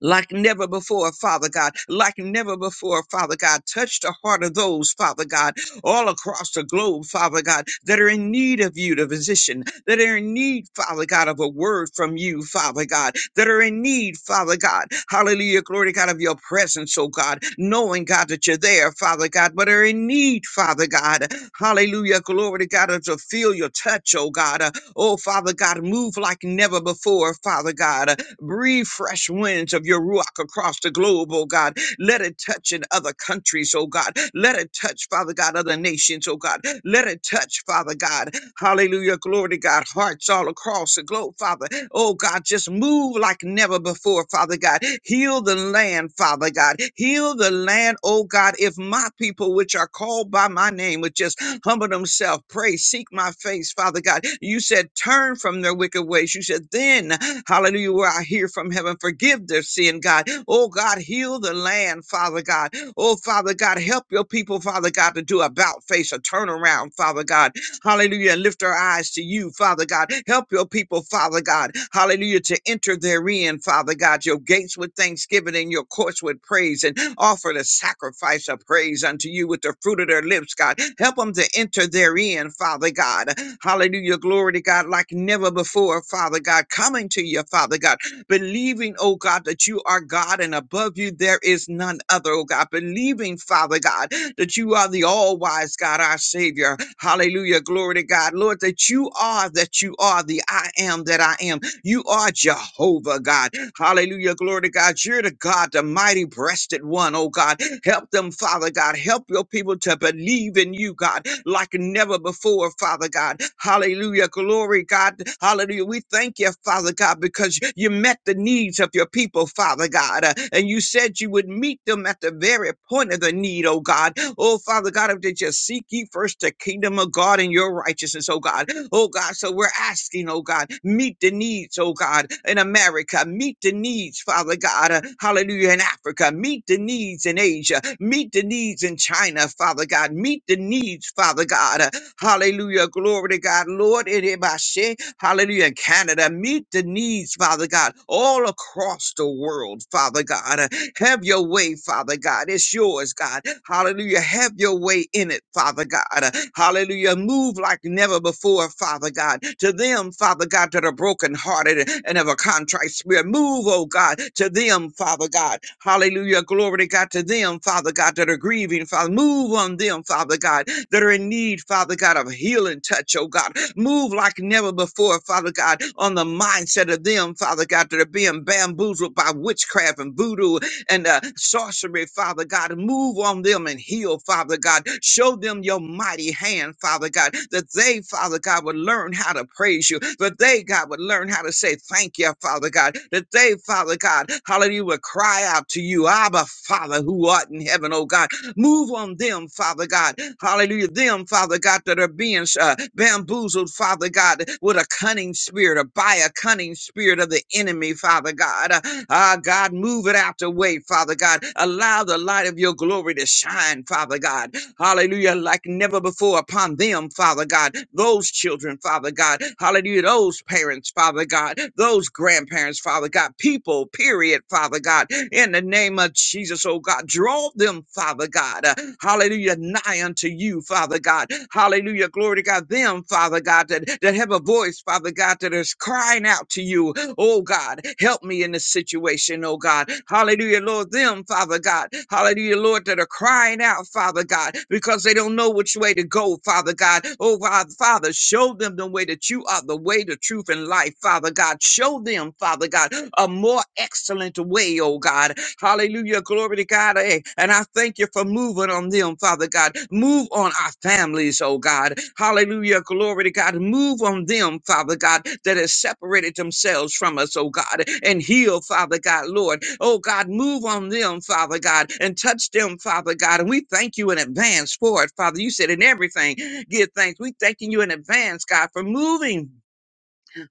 S5: like never before, Father God, like never before, Father God. Touch the heart of those, Father God, all across the globe, Father God, that are in need of you, the physician, that are in need, Father God, of a word from you, Father God, that are in need, Father God, hallelujah, glory to God, of your presence, oh God, knowing, God, that you're there, Father God, but are in need, Father God, hallelujah, glory to God, to feel your touch, oh God, uh, oh Father God, move like never before, Father God, Breathe fresh winds of your Ruach across the globe, oh God. Let it touch in other countries, oh God. Let it touch, Father God, other nations, oh God. Let it touch, Father God. Hallelujah. Glory to God. Hearts all across the globe, Father. Oh God, just move like never before, Father God. Heal the land, Father God. Heal the land, oh God. If my people, which are called by my name, would just humble themselves, pray, seek my face, Father God. You said, turn from their wicked ways. You said, then Hallelujah. Where I hear from heaven, forgive their sin, God. Oh, God, heal the land, Father God. Oh, Father God, help your people, Father God, to do about face, a turnaround, Father God. Hallelujah. And lift our eyes to you, Father God. Help your people, Father God. Hallelujah. To enter therein, Father God, your gates with thanksgiving and your courts with praise and offer the sacrifice of praise unto you with the fruit of their lips, God. Help them to enter therein, Father God. Hallelujah. Glory to God, like never before, Father God, coming to you, Father God, believing, oh God, that you are God and above you there is none other, oh God, believing, Father God, that you are the all wise God, our Savior. Hallelujah. Glory to God, Lord, that you are, that you are the I am that I am. You are Jehovah, God. Hallelujah. Glory to God. You're the God, the mighty breasted one, oh God. Help them, Father God. Help your people to believe in you, God, like never before, Father God. Hallelujah. Glory, God. Hallelujah. We thank you, Father God, because you met the needs of your people, Father God. Uh, And you said you would meet meet them at the very point of the need, oh God. Oh, Father God, if they just seek ye first the kingdom of God and your righteousness, oh God. Oh God, so we're asking, oh God, meet the needs, oh God, in America, meet the needs, Father God, uh, hallelujah, in Africa, meet the needs in Asia, meet the needs in China, Father God, meet the needs, Father God, uh, hallelujah, glory to God, Lord, in Ibashe, hallelujah, in Canada, meet the needs, Father God, all across the world, Father God, uh, have your way, Father God. It's yours, God. Hallelujah. Have your way in it, Father God. Uh, Hallelujah. Move like never before, Father God. To them, Father God, that are brokenhearted and have a contrite spirit. Move, oh God, to them, Father God. Hallelujah. Glory to God. To them, Father God, that are grieving, Father. Move on them, Father God, that are in need, Father God, of healing touch, oh God. Move like never before, Father God, on the mindset of them, Father God, that are being bamboozled by witchcraft and voodoo and uh, sorcery, Father God. Move on them and heal, Father God. Show them your mighty hand, Father God, that they, Father God, would learn how to praise you, that they, God, would learn how to say thank you, Father God, that they, Father God, hallelujah, would cry out to you, Abba, Father, who art in heaven, oh God Move on them, Father God. Hallelujah. Them, Father God, that are being uh, bamboozled, Father God, with a cunning spirit or by a cunning spirit of the enemy, Father God. Uh, Ah, God, move it out the way, Father God. Allow the light of your glory to shine, Father God hallelujah, like never before upon them, Father God. Those children, Father God, hallelujah, those parents, Father God, those grandparents, Father God, people, period, Father God, in the name of Jesus, oh God, draw them, Father God, uh, hallelujah, nigh unto you, Father God, hallelujah, glory to God, them, Father God, that, that have a voice, Father God, that is crying out to you, Oh God, help me in this situation, oh God. Hallelujah, Lord. Them, Father God. Hallelujah, Lord, that are crying out, Father God, because they don't know which way to go, Father God. Oh Father, Father, show them the way that you are the way, the truth, and life, Father God. Show them, Father God, a more excellent way, oh God. Hallelujah. Glory to God. Hey, And I thank you for moving on them, Father God. Move on our families, oh God. Hallelujah. Glory to God. Move on them, Father God, that has separated themselves from us, oh God, and heal, Father God, Lord. Oh God, move on them, Father God, and touch them, Father God. And we thank you in advance for it, Father. You said in everything, give thanks. We thanking you in advance, God, for moving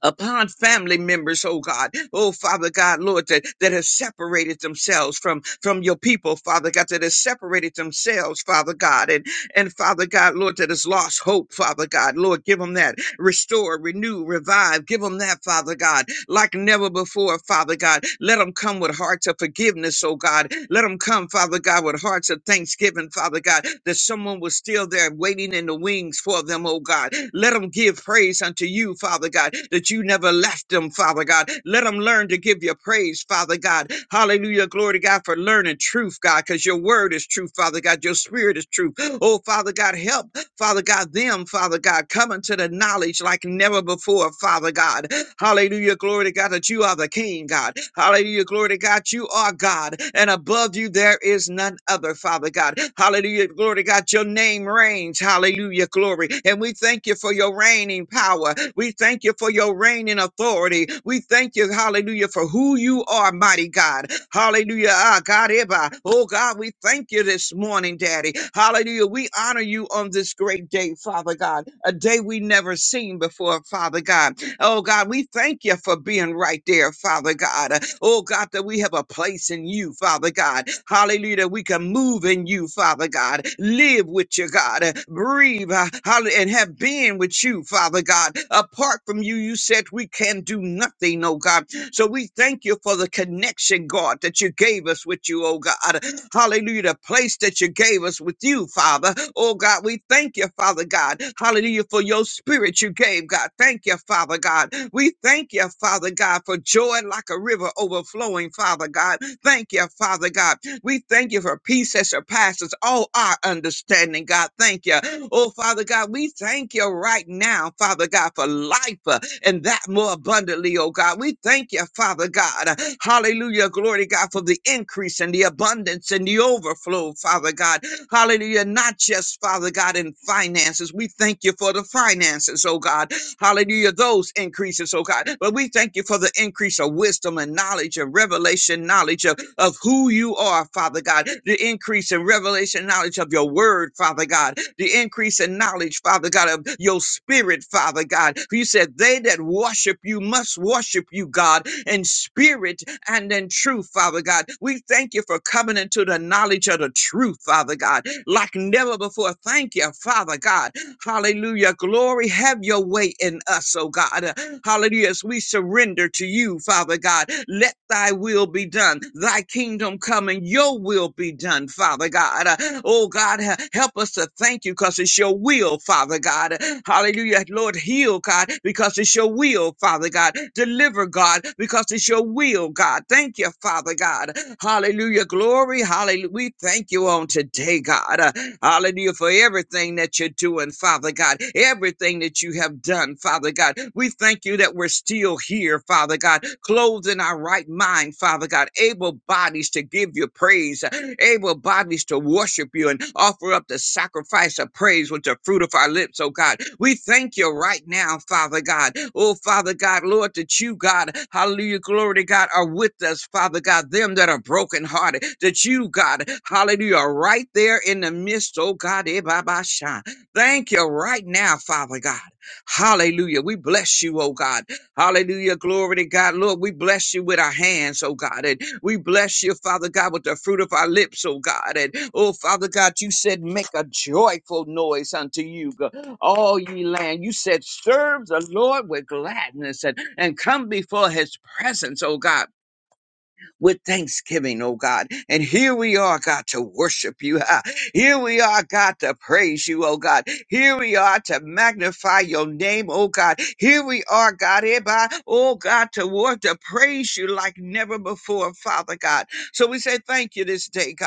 S5: upon family members, oh God. Oh, Father God, Lord, that, that has separated themselves from, from your people, Father God, that has separated themselves, Father God. And, and Father God, Lord, that has lost hope, Father God. Lord, give them that. Restore, renew, revive. Give them that, Father God like never before, Father God. Let them come with hearts of forgiveness, oh God. Let them come, Father God, with hearts of thanksgiving, Father God, that someone was still there waiting in the wings for them, oh God. Let them give praise unto you, Father God, that you never left them, Father God. Let them learn to give your praise, Father God. Hallelujah. Glory to God for learning truth, God, because your word is truth, Father God. Your spirit is truth. Oh, Father God, help Father God, them, Father God, coming to the knowledge like never before, Father God. Hallelujah. Glory to God that you are the King, God. Hallelujah. Glory to God. You are God. And above you, there is none other, Father God. Hallelujah. Glory to God. Your name reigns. Hallelujah. Glory. And we thank you for your your reigning power. We thank you for your reigning authority. We thank you, hallelujah, for who you are, mighty God. Hallelujah. Ah, God, Eba. oh God, we thank you this morning, Daddy. Hallelujah. We honor you on this great day, Father God, a day we never seen before, Father God. Oh God, we thank you for being right there, Father God. Oh God, that we have a place in you, Father God. Hallelujah. that We can move in you, Father God. Live with you, God. Breathe uh, hall- and have been with you, Father God. Apart from you, you said we can do nothing, oh God. So we thank you for the connection, God, that you gave us with you, oh God. Hallelujah. The place that you gave us with you, Father. Oh God, we thank you, Father God. Hallelujah. For your spirit you gave, God. Thank you, Father God. We thank you, Father God, for joy like a river overflowing, Father God. Thank you, Father God. We thank you for peace that surpasses all our understanding, God. Thank you. Oh, Father God, we thank you right now, Father God, for life uh, and that more abundantly, oh God. We thank you, Father God. Hallelujah. Glory to God for the increase and the abundance and the overflow, Father God. Hallelujah. Not just, Father God, in finances. We thank you for the finances, oh God. Hallelujah. Those increases, oh God. But we thank you for the increase of wisdom and knowledge and revelation knowledge of, of who you are, Father God. The increase in revelation knowledge of your word, Father God. The increase in knowledge, Father God, of your spirit, Father God. You said they that worship you must worship you, God, in spirit and in truth, Father God. We thank you for coming into the knowledge of the truth, Father God, like never before. Thank you, Father God. Hallelujah. Glory, have your way in us, oh God. Uh, Hallelujah. As we surrender to you, Father God, let thy will be done. Thy kingdom come and your will be done, Father God. Uh, Oh God, uh, help us to thank you because it's your will, Father God. Uh, Hallelujah. Lord, heal, God, because it's your will, Father God. Deliver, God, because it's your will, God. Thank you, Father God. Hallelujah. Glory. Hallelujah. We thank you on today, God. Uh, Hallelujah for everything that you're doing doing, Father God, everything that you have done, Father God. We thank you that we're still here, Father God, clothed in our right mind, Father God, able bodies to give you praise, able bodies to worship you and offer up the sacrifice of praise with the fruit of our lips, oh God. We thank you right now, Father God. Oh, Father God, Lord, that you, God, hallelujah, glory to God, are with us, Father God, them that are brokenhearted, that you, God, hallelujah, are right there in the midst, oh God, eh, bah, bah, shah. Thank you right now, Father God. Hallelujah. We bless you, oh God. Hallelujah. Glory to God. Lord, we bless you with our hands, oh God. And we bless you, Father God, with the fruit of our lips, oh God. And oh, Father God, you said, make a joyful noise unto you, God. all ye land. You said, serve the Lord with gladness and, and come before his presence, oh God with thanksgiving, oh God. And here we are, God, to worship you. ah. Here we are, God, to praise you, oh God. Here we are to magnify your name, oh God. Here we are, God, hereby, oh God, to worship, to praise you like never before, Father God. So we say thank you this day, God.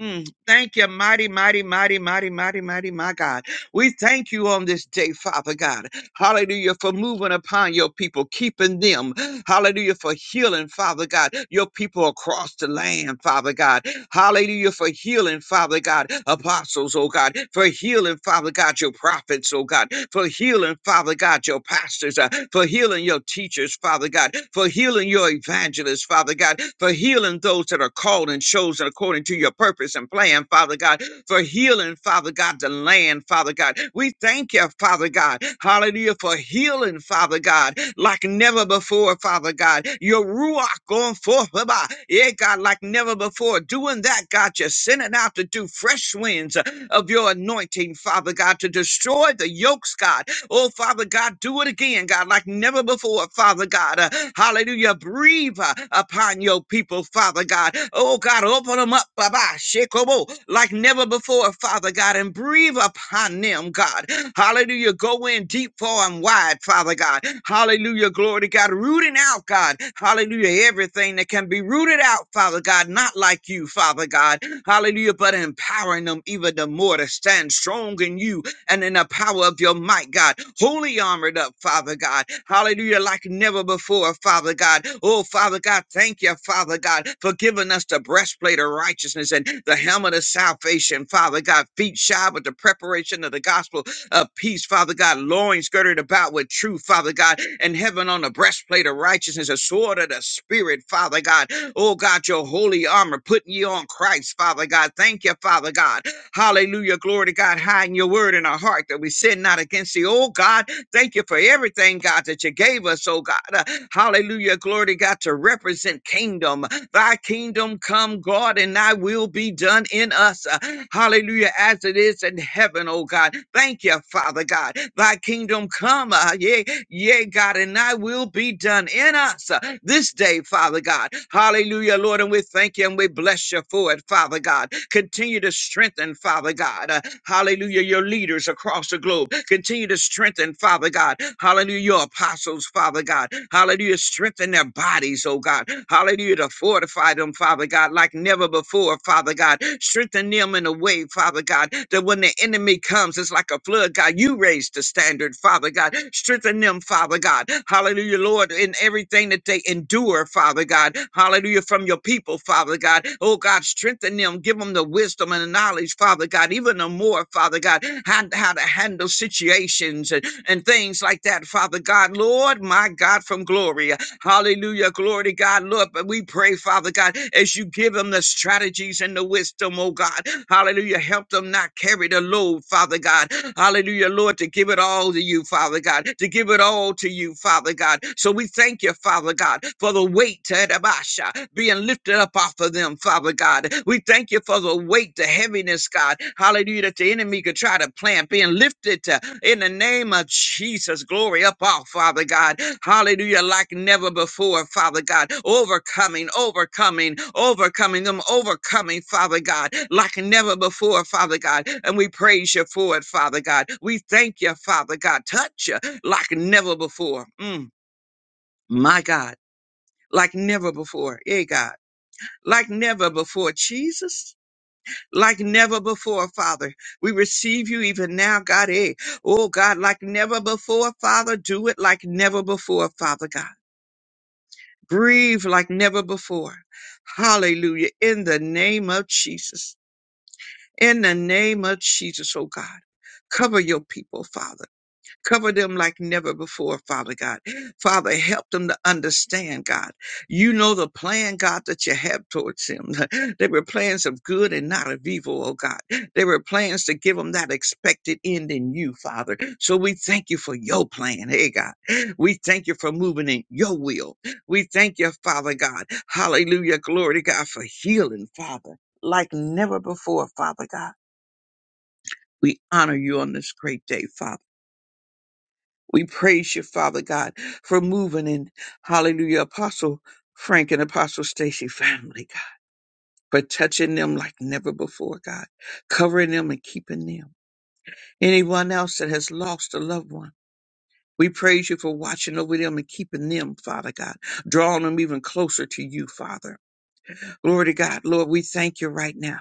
S5: Mm, thank you, mighty, mighty, mighty, mighty, mighty, mighty, my God. We thank you on this day, Father God. Hallelujah. For moving upon your people, keeping them. Hallelujah. For healing, Father God, your people across the land, Father God. Hallelujah. For healing, Father God, apostles, oh God. For healing, Father God, your prophets, oh God. For healing, Father God, your pastors. uh, for healing your teachers, Father God. For healing your evangelists, Father God. For healing those that are called and chosen according to your purpose and plan, Father God. For healing, Father. Father God, the land, Father God. We thank you, Father God. Hallelujah for healing, Father God, like never before, Father God. Your Ruach going forth, Baba. yeah, God, like never before. Doing that, God, you're sending out to do fresh winds of your anointing, Father God, to destroy the yokes, God Oh, Father God, do it again, God, like never before, Father God. Uh, hallelujah. Breathe uh, upon your people, Father God. Oh, God, open them up, Baba, Shekobo, like never before, Father God, and breathe upon them, God. Hallelujah. Go in deep, far, and wide, Father God. Hallelujah. Glory to God. Rooting out, God. Hallelujah. Everything that can be rooted out, Father God, not like you, Father God. Hallelujah. But empowering them even the more to stand strong in you and in the power of your might, God. Holy armored up, Father God. Hallelujah, like never before, Father God. Oh, Father God, thank you, Father God, for giving us the breastplate of righteousness and the helmet of salvation, Father God. Feet shod with the preparation of the gospel of peace, Father God. Loins girded about with truth, Father God. And heaven on the breastplate of righteousness, a sword of the Spirit, Father God. Oh, God, your holy armor putting you on Christ, Father God. Thank you, Father God. Hallelujah. Glory to God. Hiding your word in our heart that we sin not against thee. Oh God, thank you for everything, God, that you gave us, oh God. Uh, hallelujah. Glory to God to represent kingdom. Thy kingdom come, God, and thy will be done in us. Uh, hallelujah. As it is in heaven, oh God. Thank you, Father God. Thy kingdom come. Uh, yeah, Yea, God, and thy will be done in us uh, this day, Father God. Hallelujah, Lord. And we thank you and we bless you for it, Father God. Continue to strengthen, Father God. uh, hallelujah, your leaders across the globe. Continue to strengthen, Father God. Hallelujah, your apostles, Father God. Hallelujah, strengthen their bodies, oh God. Hallelujah, to fortify them, Father God, like never before, Father God. Strengthen them them in a way, Father God, that when the enemy comes, it's like a flood, God. You raise the standard, Father God. Strengthen them, Father God. Hallelujah, Lord, in everything that they endure, Father God. Hallelujah, from your people, Father God. Oh, God, strengthen them. Give them the wisdom and the knowledge, Father God, even the more, Father God, how, how to handle situations and, and things like that, Father God. Lord, my God, from glory. Hallelujah. Glory to God. Lord, but we pray, Father God, as you give them the strategies and the wisdom, oh God. Hallelujah. Help them not carry the load, Father God. Hallelujah, Lord, to give it all to you, Father God, to give it all to you, Father God. So we thank you, Father God, for the weight, Tadabasha, being lifted up off of them, Father God. We thank you for the weight break the heaviness, God. Hallelujah, that the enemy could try to plant, being lifted uh, in the name of Jesus. Glory up, off, Father God. Hallelujah, like never before, Father God. Overcoming, overcoming, overcoming them, overcoming, Father God, like never before, Father God. And we praise you for it, Father God. We thank you, Father God. Touch you like never before. Mm, my God, like never before. Yeah, God like never before. Jesus like never before, Father. We receive you even now, God. Eh? Oh, God, like never before, Father. Do it like never before, Father God. Grieve like never before. Hallelujah. In the name of Jesus. In the name of Jesus, oh God. Cover your people, Father. Cover them like never before, Father God. Father, help them to understand, God. You know the plan, God, that you have towards them. they were plans of good and not of evil, oh God. They were plans to give them that expected end in you, Father. So we thank you for your plan, hey God. We thank you for moving in your will. We thank you, Father God. Hallelujah. Glory to God for healing, Father, like never before, Father God. We honor you on this great day, Father. We praise you, Father God, for moving in, hallelujah, Apostle Frank and Apostle Stacy family, God, for touching them like never before, God, covering them and keeping them. Anyone else that has lost a loved one, we praise you for watching over them and keeping them, Father God, drawing them even closer to you, Father. Glory to God. Lord, we thank you right now.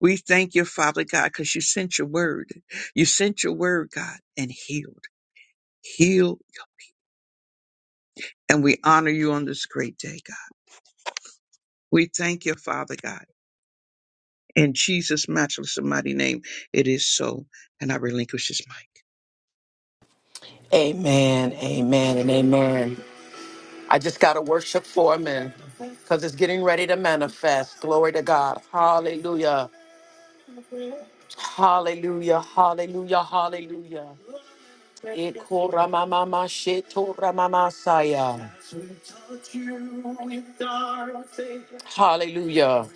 S5: We thank you, Father God, because you sent your word. You sent your word, God, and healed, healed. And we honor you on this great day, God. We thank you, Father God. In Jesus' matchless and mighty name, it is so. And I relinquish this mic.
S1: Amen, amen, and amen. I just got to worship for a minute because it's getting ready to manifest. Glory to God. Hallelujah. Hallelujah. Hallelujah. Hallelujah. Ikoramamamashetoramasaya. Hallelujah.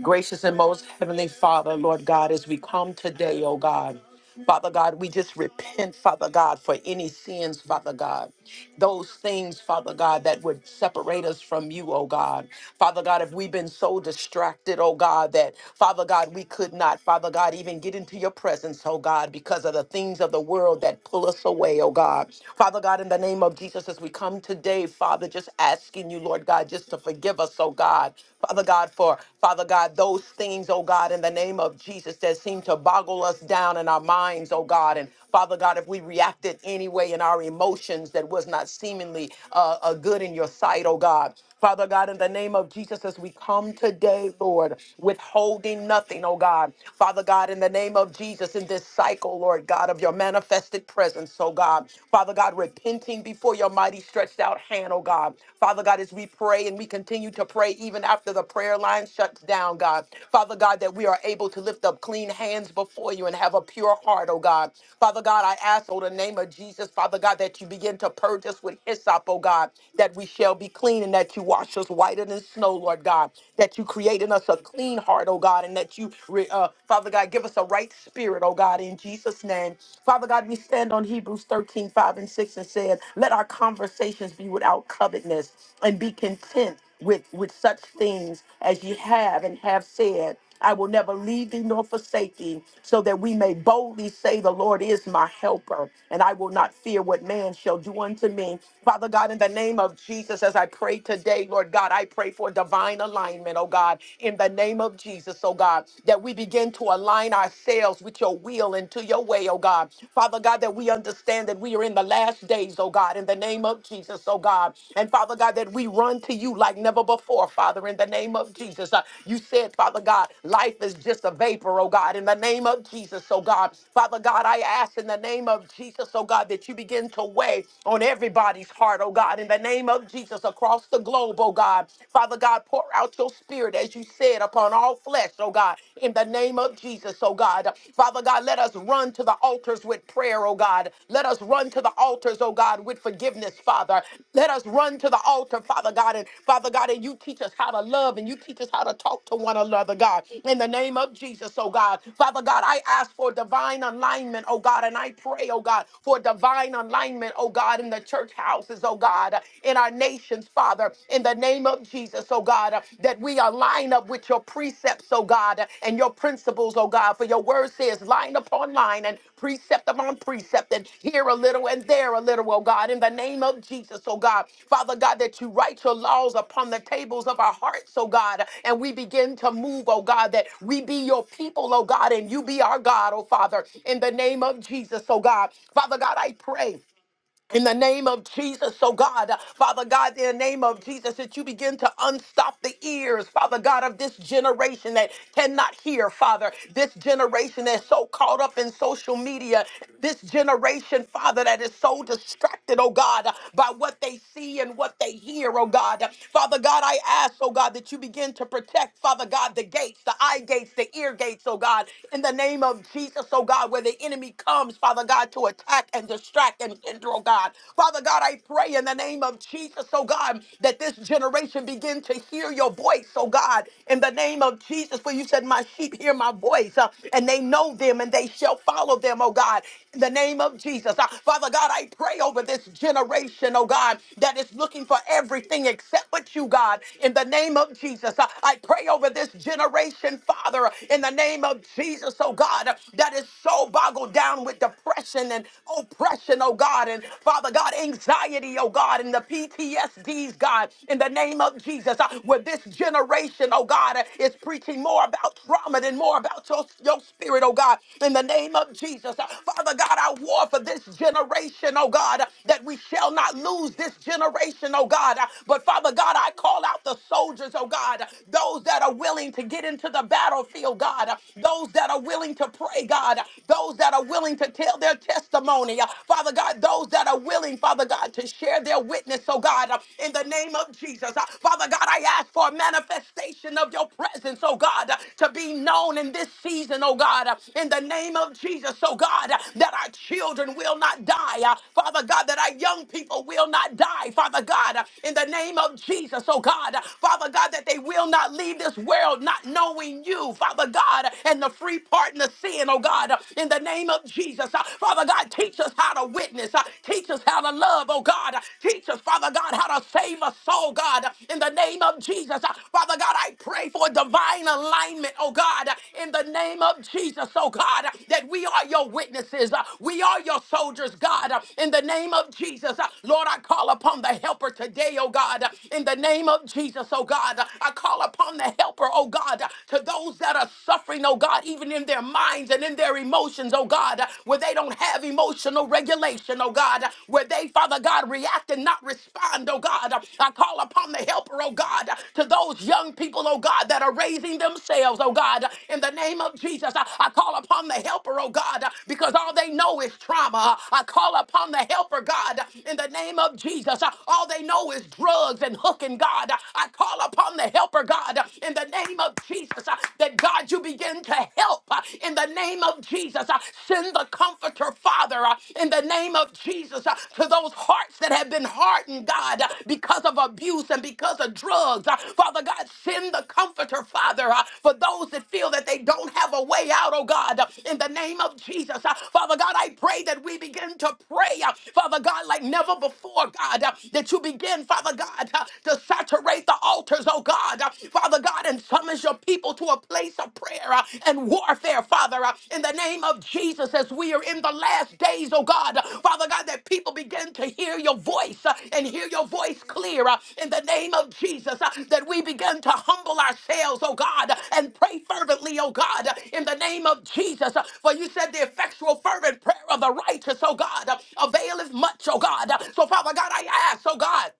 S1: Gracious and most heavenly Father, Lord God, as we come today, oh God. Father God, we just repent, Father God, for any sins, Father God. those things, Father God, that would separate us from you, oh God. Father God, if we've been so distracted, oh God, that Father God, we could not, Father God, even get into your presence, oh God, because of the things of the world that pull us away, oh God. Father God, in the name of Jesus, as we come today, Father, just asking you, Lord God, just to forgive us, oh God. Father God, for Father God, those things, oh God, in the name of Jesus that seem to boggle us down in our minds, oh God, and Father God, if we reacted anyway in our emotions that was not seemingly uh, uh, good in your sight, oh God. Father God, in the name of Jesus, as we come today, Lord, withholding nothing, oh God. Father God, in the name of Jesus, in this cycle, Lord God, of your manifested presence, oh God. Father God, repenting before your mighty stretched out hand, oh God. Father God, as we pray and we continue to pray even after the prayer line shuts down, God. Father Father God, that we are able to lift up clean hands before you and have a pure heart, oh God. Father God, I ask, oh, the name of Jesus, Father God, that you begin to purge us with hyssop, oh God, that we shall be clean and that you wash us whiter than snow, Lord God, that you create in us a clean heart, oh God, and that you, re- uh, Father God, give us a right spirit, oh God, in Jesus' name. Father God, we stand on Hebrews 13 5 and 6 and said, let our conversations be without covetousness and be content with with such things as ye have and have said i will never leave thee nor forsake thee so that we may boldly say the lord is my helper and i will not fear what man shall do unto me father god in the name of jesus as i pray today lord god i pray for divine alignment oh god in the name of jesus oh god that we begin to align ourselves with your will and to your way oh god father god that we understand that we are in in the last days, oh God, in the name of Jesus, oh God. And Father God, that we run to you like never before, Father, in the name of Jesus. Uh, you said, Father God, life is just a vapor, oh God, in the name of Jesus, oh God. Father God, I ask in the name of Jesus, oh God, that you begin to weigh on everybody's heart, oh God, in the name of Jesus across the globe, oh God. Father God, pour out your spirit as you said upon all flesh, oh God, in the name of Jesus. Jesus, oh God. Father God, let us run to the altars with prayer, oh God. Let us run to the altars, oh God, with forgiveness, Father. Let us run to the altar, Father God. And Father God, and you teach us how to love and you teach us how to talk to one another, God. In the name of Jesus, oh God. Father God, I ask for divine alignment, oh God. And I pray, oh God, for divine alignment, oh God, in the church houses, oh God, in our nations, Father. In the name of Jesus, oh God, uh, that we are lined up with your precepts, oh God, uh, and your principles, oh God. For your word says line upon line and precept upon precept, and here a little and there a little, oh God, in the name of Jesus, oh God. Father God, that you write your laws upon the tables of our hearts, oh God, uh, and we begin to move, oh God, that we be your people, oh God, and you be our God, oh Father, in the name of Jesus, oh God. Father God, I pray. In the name of Jesus, oh God, uh, Father God, in the name of Jesus, that you begin to unstop the ears, Father God, of this generation that cannot hear, Father, this generation that's so caught up in social media, this generation, Father, that is so distracted, oh God, uh, by what they see and what they hear, oh God. Father God, I ask, oh God, that you begin to protect, Father God, the gates, the eye gates, the ear gates, oh God, in the name of Jesus, oh God, where the enemy comes, Father God, to attack distract and distract and hinder, oh God. Father God, I pray in the name of Jesus, oh God, that this generation begin to hear your voice, oh God, in the name of Jesus. For you said, My sheep hear my voice, uh, and they know them and they shall follow them, oh God, in the name of Jesus. Uh, Father God, I pray over this generation, oh God, that is looking for everything except but you, God, in the name of Jesus. Uh, I pray over this generation, Father, in the name of Jesus, oh God, that is so boggled down down with depression and oppression, oh God, and Father God, anxiety, oh God, and the PTSDs, God, in the name of Jesus, uh, where this generation, oh God, uh, is preaching more about trauma than more about your, your spirit, oh God, in the name of Jesus. Uh, Father God, I war for this generation, oh God, uh, that we shall not lose this generation, oh God. Uh, But Father God, I call out the soldiers, oh God, uh, those that are willing to get into the battlefield, God, uh, those that are willing to pray, God, those that are willing to tell their testimony, uh, Father God, those that are willing, Father God, to share their witness, so God, uh, in the name of Jesus, uh, Father God, I ask for a manifestation of your presence, oh God, uh, to be known in this season, oh God, uh, in the name of Jesus, oh God, uh, that our children will not die, uh, Father God, that our young people will not die, Father God, uh, in the name of Jesus, oh God, uh, Father God, that they will not leave this world not knowing you, Father God. God, and the free pardon of sin, oh God, in the name of Jesus. Uh, Father God, teach us how to witness. Uh, Teach us how to love, oh God. Teach us, Father God, how to save a soul, God, in the name of Jesus. Uh, Father God, I pray for divine alignment, oh God, in the name of Jesus, oh God, that we are your witnesses. Uh, We are your soldiers, God, uh, in the name of Jesus. Uh, Lord, I call upon the helper today, oh God, uh, in the name of Jesus, oh God. Uh, I call upon the helper, oh God. God, to those that are suffering, oh God, even in their minds and in their emotions, oh God, where they don't have emotional regulation, oh God, where they, Father God, react and not respond, oh God. I call upon the helper, oh God, to those young people, oh God, that are raising themselves, oh God, in the name of Jesus. I, I call upon the helper, oh God, because all they know is trauma. I call upon the helper, God, in the name of Jesus. All they know is drugs and hooking, God. I call upon the helper helper, God, uh, in the name of Jesus. uh, That God, you begin to help uh, in the name of Jesus. uh, Send the comforter, Father, uh, in the name of Jesus, uh, to those hearts that have been hardened, God, uh, because of abuse and because of drugs. uh, Father God, send the comforter, Father, uh, for those that feel that they don't have a way out, oh God, uh, in the name of Jesus. Uh, Father God, I pray that we begin to pray, uh, Father God, like never before, God, uh, that you begin, Father God, uh, to saturate saturate the altars, oh God. Uh, Father God, and summons your people to a place of prayer uh, and warfare, Father, uh, in the name of Jesus, as we are in the last days, oh God. Uh, Father God, that people begin to hear your voice uh, and hear your voice clear uh, in the name of Jesus, uh, that we begin to humble ourselves, oh God, uh, and pray fervently, oh God, uh, in the name of Jesus. Uh, For you said the effectual, fervent prayer of the righteous, oh God, uh, availeth much, oh God. Uh, So, Father God, I ask, oh God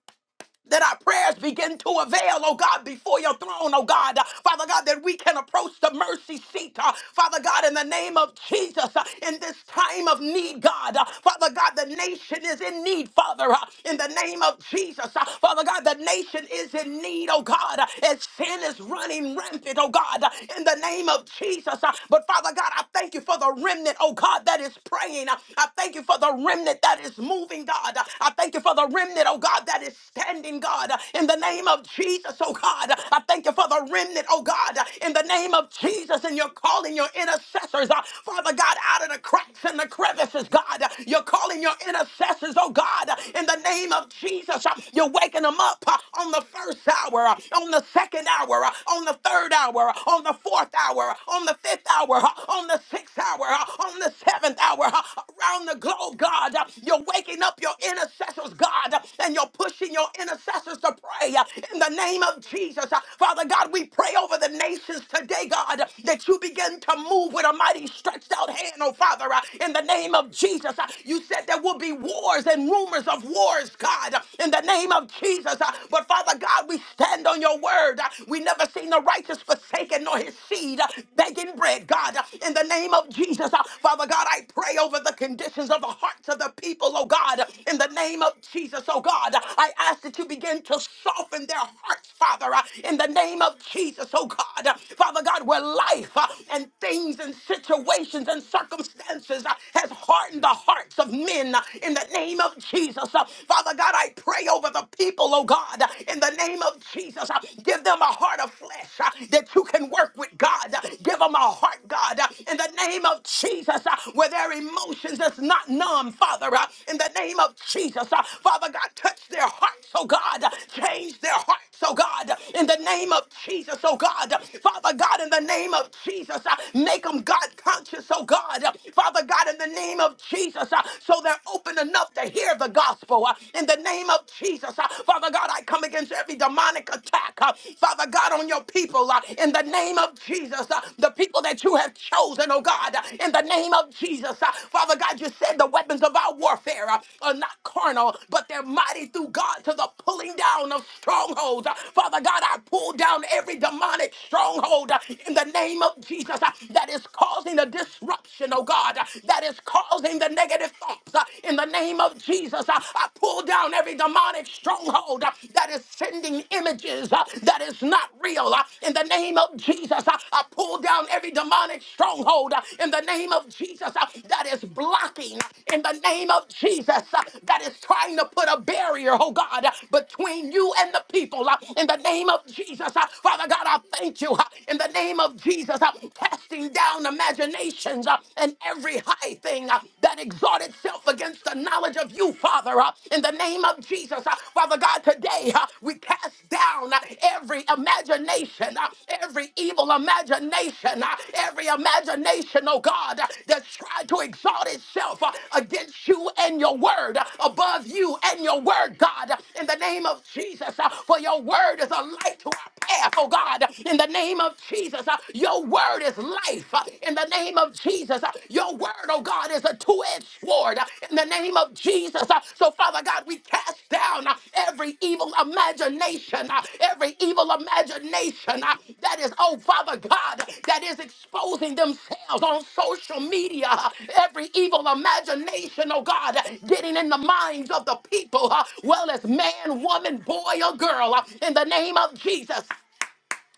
S1: that our prayers begin to avail, oh God, before your throne, oh God. Uh, Father God, that we can approach the mercy seat, uh, Father God, in the name of Jesus, uh, in this time of need, God. Uh, Father God, the nation is in need, Father, uh, in the name of Jesus. Uh, Father God, the nation is in need, oh God, uh, as sin is running rampant, oh God, uh, in the name of Jesus. Uh, but Father God, I thank you for the remnant, oh God, that is praying. Uh, I thank you for the remnant that is moving moving, God. I thank you for the remnant, oh God, that is standing, God, in the name of Jesus, oh God. I thank you for the remnant, oh God, in the name of Jesus, and you're calling your intercessors, uh, Father God, out of the cracks and the crevices, God. You're calling your intercessors, oh God, in the name of Jesus. Uh, You're waking them up uh, on the first hour, uh, on the second hour, uh, on the third hour, uh, on the fourth hour, uh, on the fifth hour, uh, on the sixth hour, uh, on the seventh 11th hour huh, around the globe, God. Uh, You're waking up your intercessors, God, uh, and you're pushing your intercessors to pray uh, in the name of Jesus. Uh, Father God, we pray over the nations today, God, uh, that you begin to move with a mighty stretched out hand, oh Father, uh, in the name of Jesus. Uh, You said there will be wars and rumors of wars, God, uh, in the name of Jesus. Uh, But Father God, we stand on your word. Uh, We never seen the righteous forsaken nor his seed. uh, begging unbreaking bread, God, in the name of Jesus. Uh, Father God, I pray over the conditions of the hearts of the people, oh God, in the name of Jesus, oh God. I ask that you begin to soften their hearts, Father, uh, in the name of Jesus, oh God. Father God, where life uh, and things and situations and circumstances uh, has hardened the hearts of men uh, in the name of Jesus. Uh, Father God, I pray over the people, oh God, uh, in the name of Jesus. Uh, Give them a heart of flesh uh, that you can work with, God, God. Give them a heart, God, uh, in the name of Jesus, uh, where their emotions is not numb, Father, uh, in the name of Jesus. uh, Father God, touch their hearts, oh God. uh, Change their hearts, oh God, uh, in the name of Jesus, oh God. uh, Father God, in the name of Jesus, uh, make them God conscious, oh God. uh, Father God, in the name of Jesus, uh, so they're open enough to hear the gospel. uh, In the name of Jesus, uh, Father God, I come against every demonic attack attack, uh, Father God, on your people uh, in the name of Jesus, uh, the people that you have chosen, oh God, uh, in the name of Jesus. uh, Father God, you said the weapons of our warfare uh, are not carnal, but they're mighty through God to the pulling down of strongholds. Uh, Father God, I pull down every demonic stronghold uh, in the name of Jesus uh, that is causing a disruption, oh God, uh, that is causing the negative thoughts uh, in the name of Jesus. uh, I pull down down every demonic stronghold uh, that is sending images uh, that is not real. uh, In the name of Jesus, uh, I pull down every demonic stronghold uh, in the name of Jesus uh, that is blocking. uh, In the name of Jesus, uh, that is trying to put a barrier, oh God, uh, between you and the people. uh, In the name of Jesus, uh, Father God, I thank you. uh, In the name of Jesus, uh, casting down imaginations uh, and every high thing. uh, that exalted itself against the knowledge of you, Father, uh, in the name of Jesus. uh, Father God, today uh, we cast down uh, every imagination, uh, every evil imagination, uh, every imagination, oh God, uh, that's tried to exalt itself uh, against you and your word, uh, above you and your word, God, uh, in the name of Jesus. uh, For your word is a light to our path, oh God, in the name of Jesus. uh, Your word is light life uh, in the name of Jesus. Uh, Your word, oh God, is a two edged sword uh, in the name of Jesus. Uh, So, Father God, we cast down uh, every evil imagination, uh, every evil imagination uh, that is, oh Father God, that is exposing themselves on social media, uh, every evil imagination, oh God, uh, getting in the minds of the people, uh, well as man, woman, boy, or girl, uh, in the name of Jesus.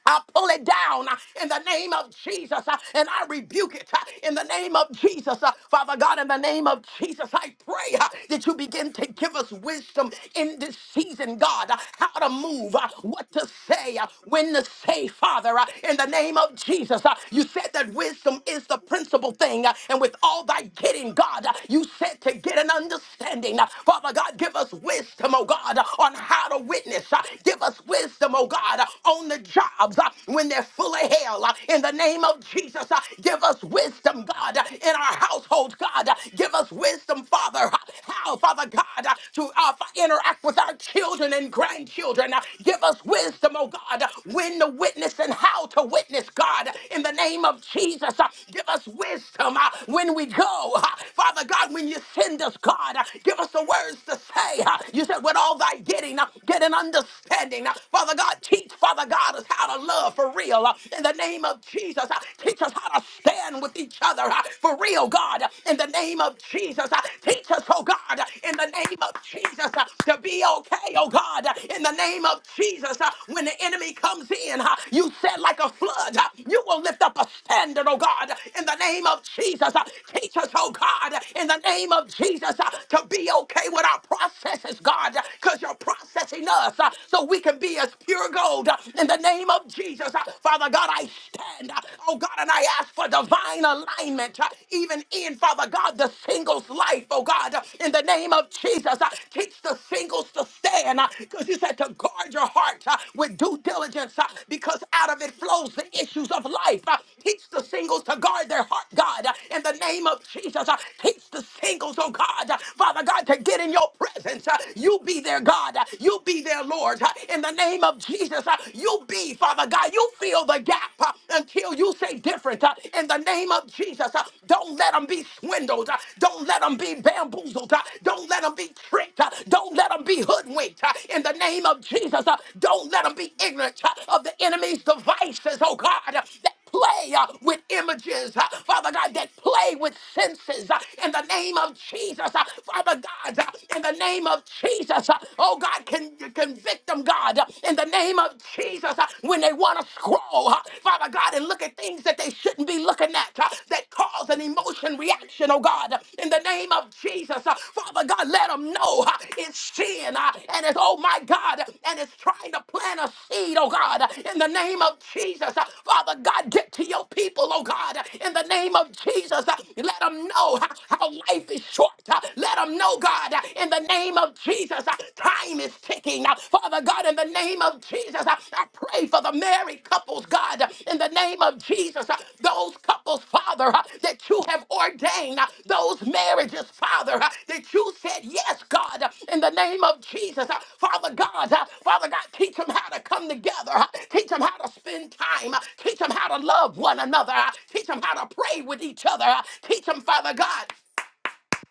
S1: I pull it down uh, in the name of Jesus uh, and I rebuke it uh, in the name of Jesus. uh, Father God, in the name of Jesus, I pray uh, that you begin to give us wisdom in this season, God, uh, how to move, uh, what to say, uh, when to say, Father, uh, in the name of Jesus. uh, You said that wisdom is the principal thing, uh, and with all thy getting, God, uh, you said to get an understanding. Uh, Father God, give us wisdom, oh God, uh, on how to witness. uh, Give us wisdom, oh God. God, uh, on the jobs uh, when they're full of hell. uh, In the name of Jesus, uh, give us wisdom, God, uh, in our households, God. uh, Give us wisdom, Father, uh, how, Father God, uh, to uh, interact with our children and grandchildren. uh, Give us wisdom, oh God, uh, when to witness and how to witness, God, in the name of Jesus. uh, Give us wisdom uh, when we go. uh, Father God, when you send us, God, uh, give us the words to say. uh, You said, with all thy getting, uh, get an understanding understanding. Uh, Father God, teach, Father God, us how to love for real. Uh, In the name of Jesus, uh, teach us how to stand with each other uh, for real, God. Uh, In the name of Jesus, uh, teach us, oh God, uh, in the name of Jesus, uh, to be okay, oh God. Uh, In the name of Jesus, uh, when the enemy comes in, uh, you said like a flood, uh, you will lift up a standard, oh God. Uh, In the name of Jesus, uh, teach us, oh God, uh, in the name of Jesus, uh, to be okay with our processes, God, because your process processing us uh, so we can be as pure gold uh, in the name of Jesus. Uh, Father God, I stand, uh, oh God, and I ask for divine alignment, uh, even in, Father God, the singles life, oh God, uh, in the name of Jesus. Uh, Teach the singles to stand because you said to guard your heart uh, with due diligence uh, because out of it flows the issues of life. Uh, Teach the singles to guard their heart, God, uh, in the name of Jesus. Uh, Teach the singles, oh God, uh, Father God, to get in your presence, uh, you be their God. You be their Lord. In the name of Jesus, you be, Father God. You fill the gap uh, until you say different. uh, In the name of Jesus, uh, don't let them be swindled. uh, Don't let them be bamboozled. uh, Don't let them be tricked. uh, Don't let them be hoodwinked. uh, In the name of Jesus, uh, don't let them be ignorant uh, of the enemy's devices, oh God play uh, with images, uh, Father God, that play with senses uh, in the name of Jesus, uh, Father God, uh, in the name of Jesus. uh, oh God, can convict them, God, uh, in the name of Jesus, uh, when they want to scroll, uh, Father God, and look at things that they shouldn't be looking at uh, that cause an emotion reaction, oh God, uh, in the name of Jesus. uh, Father Father God, let them know uh, it's sin uh, and it's, oh my God, and it's trying to plant a seed, oh God, in the name of Jesus. Uh, Father God, get to your people, oh God, in the name of Jesus. Uh, Let them know uh, how life is short. Uh, Let them know, God, uh, in the name of Jesus, uh, time is ticking. Uh, Father God, in the name of Jesus, uh, I pray for the married couples, God, in the name of Jesus, uh, those couples, Father, uh, that you have ordained, uh, those marriages, Father, uh, that you said yes, God, uh, in the name of Jesus, uh, Father God, uh, Father God, teach them how to come together, uh, teach them how to spend time, uh, teach them how to love one another, uh, teach them how to pray with each other, uh, teach them, Father God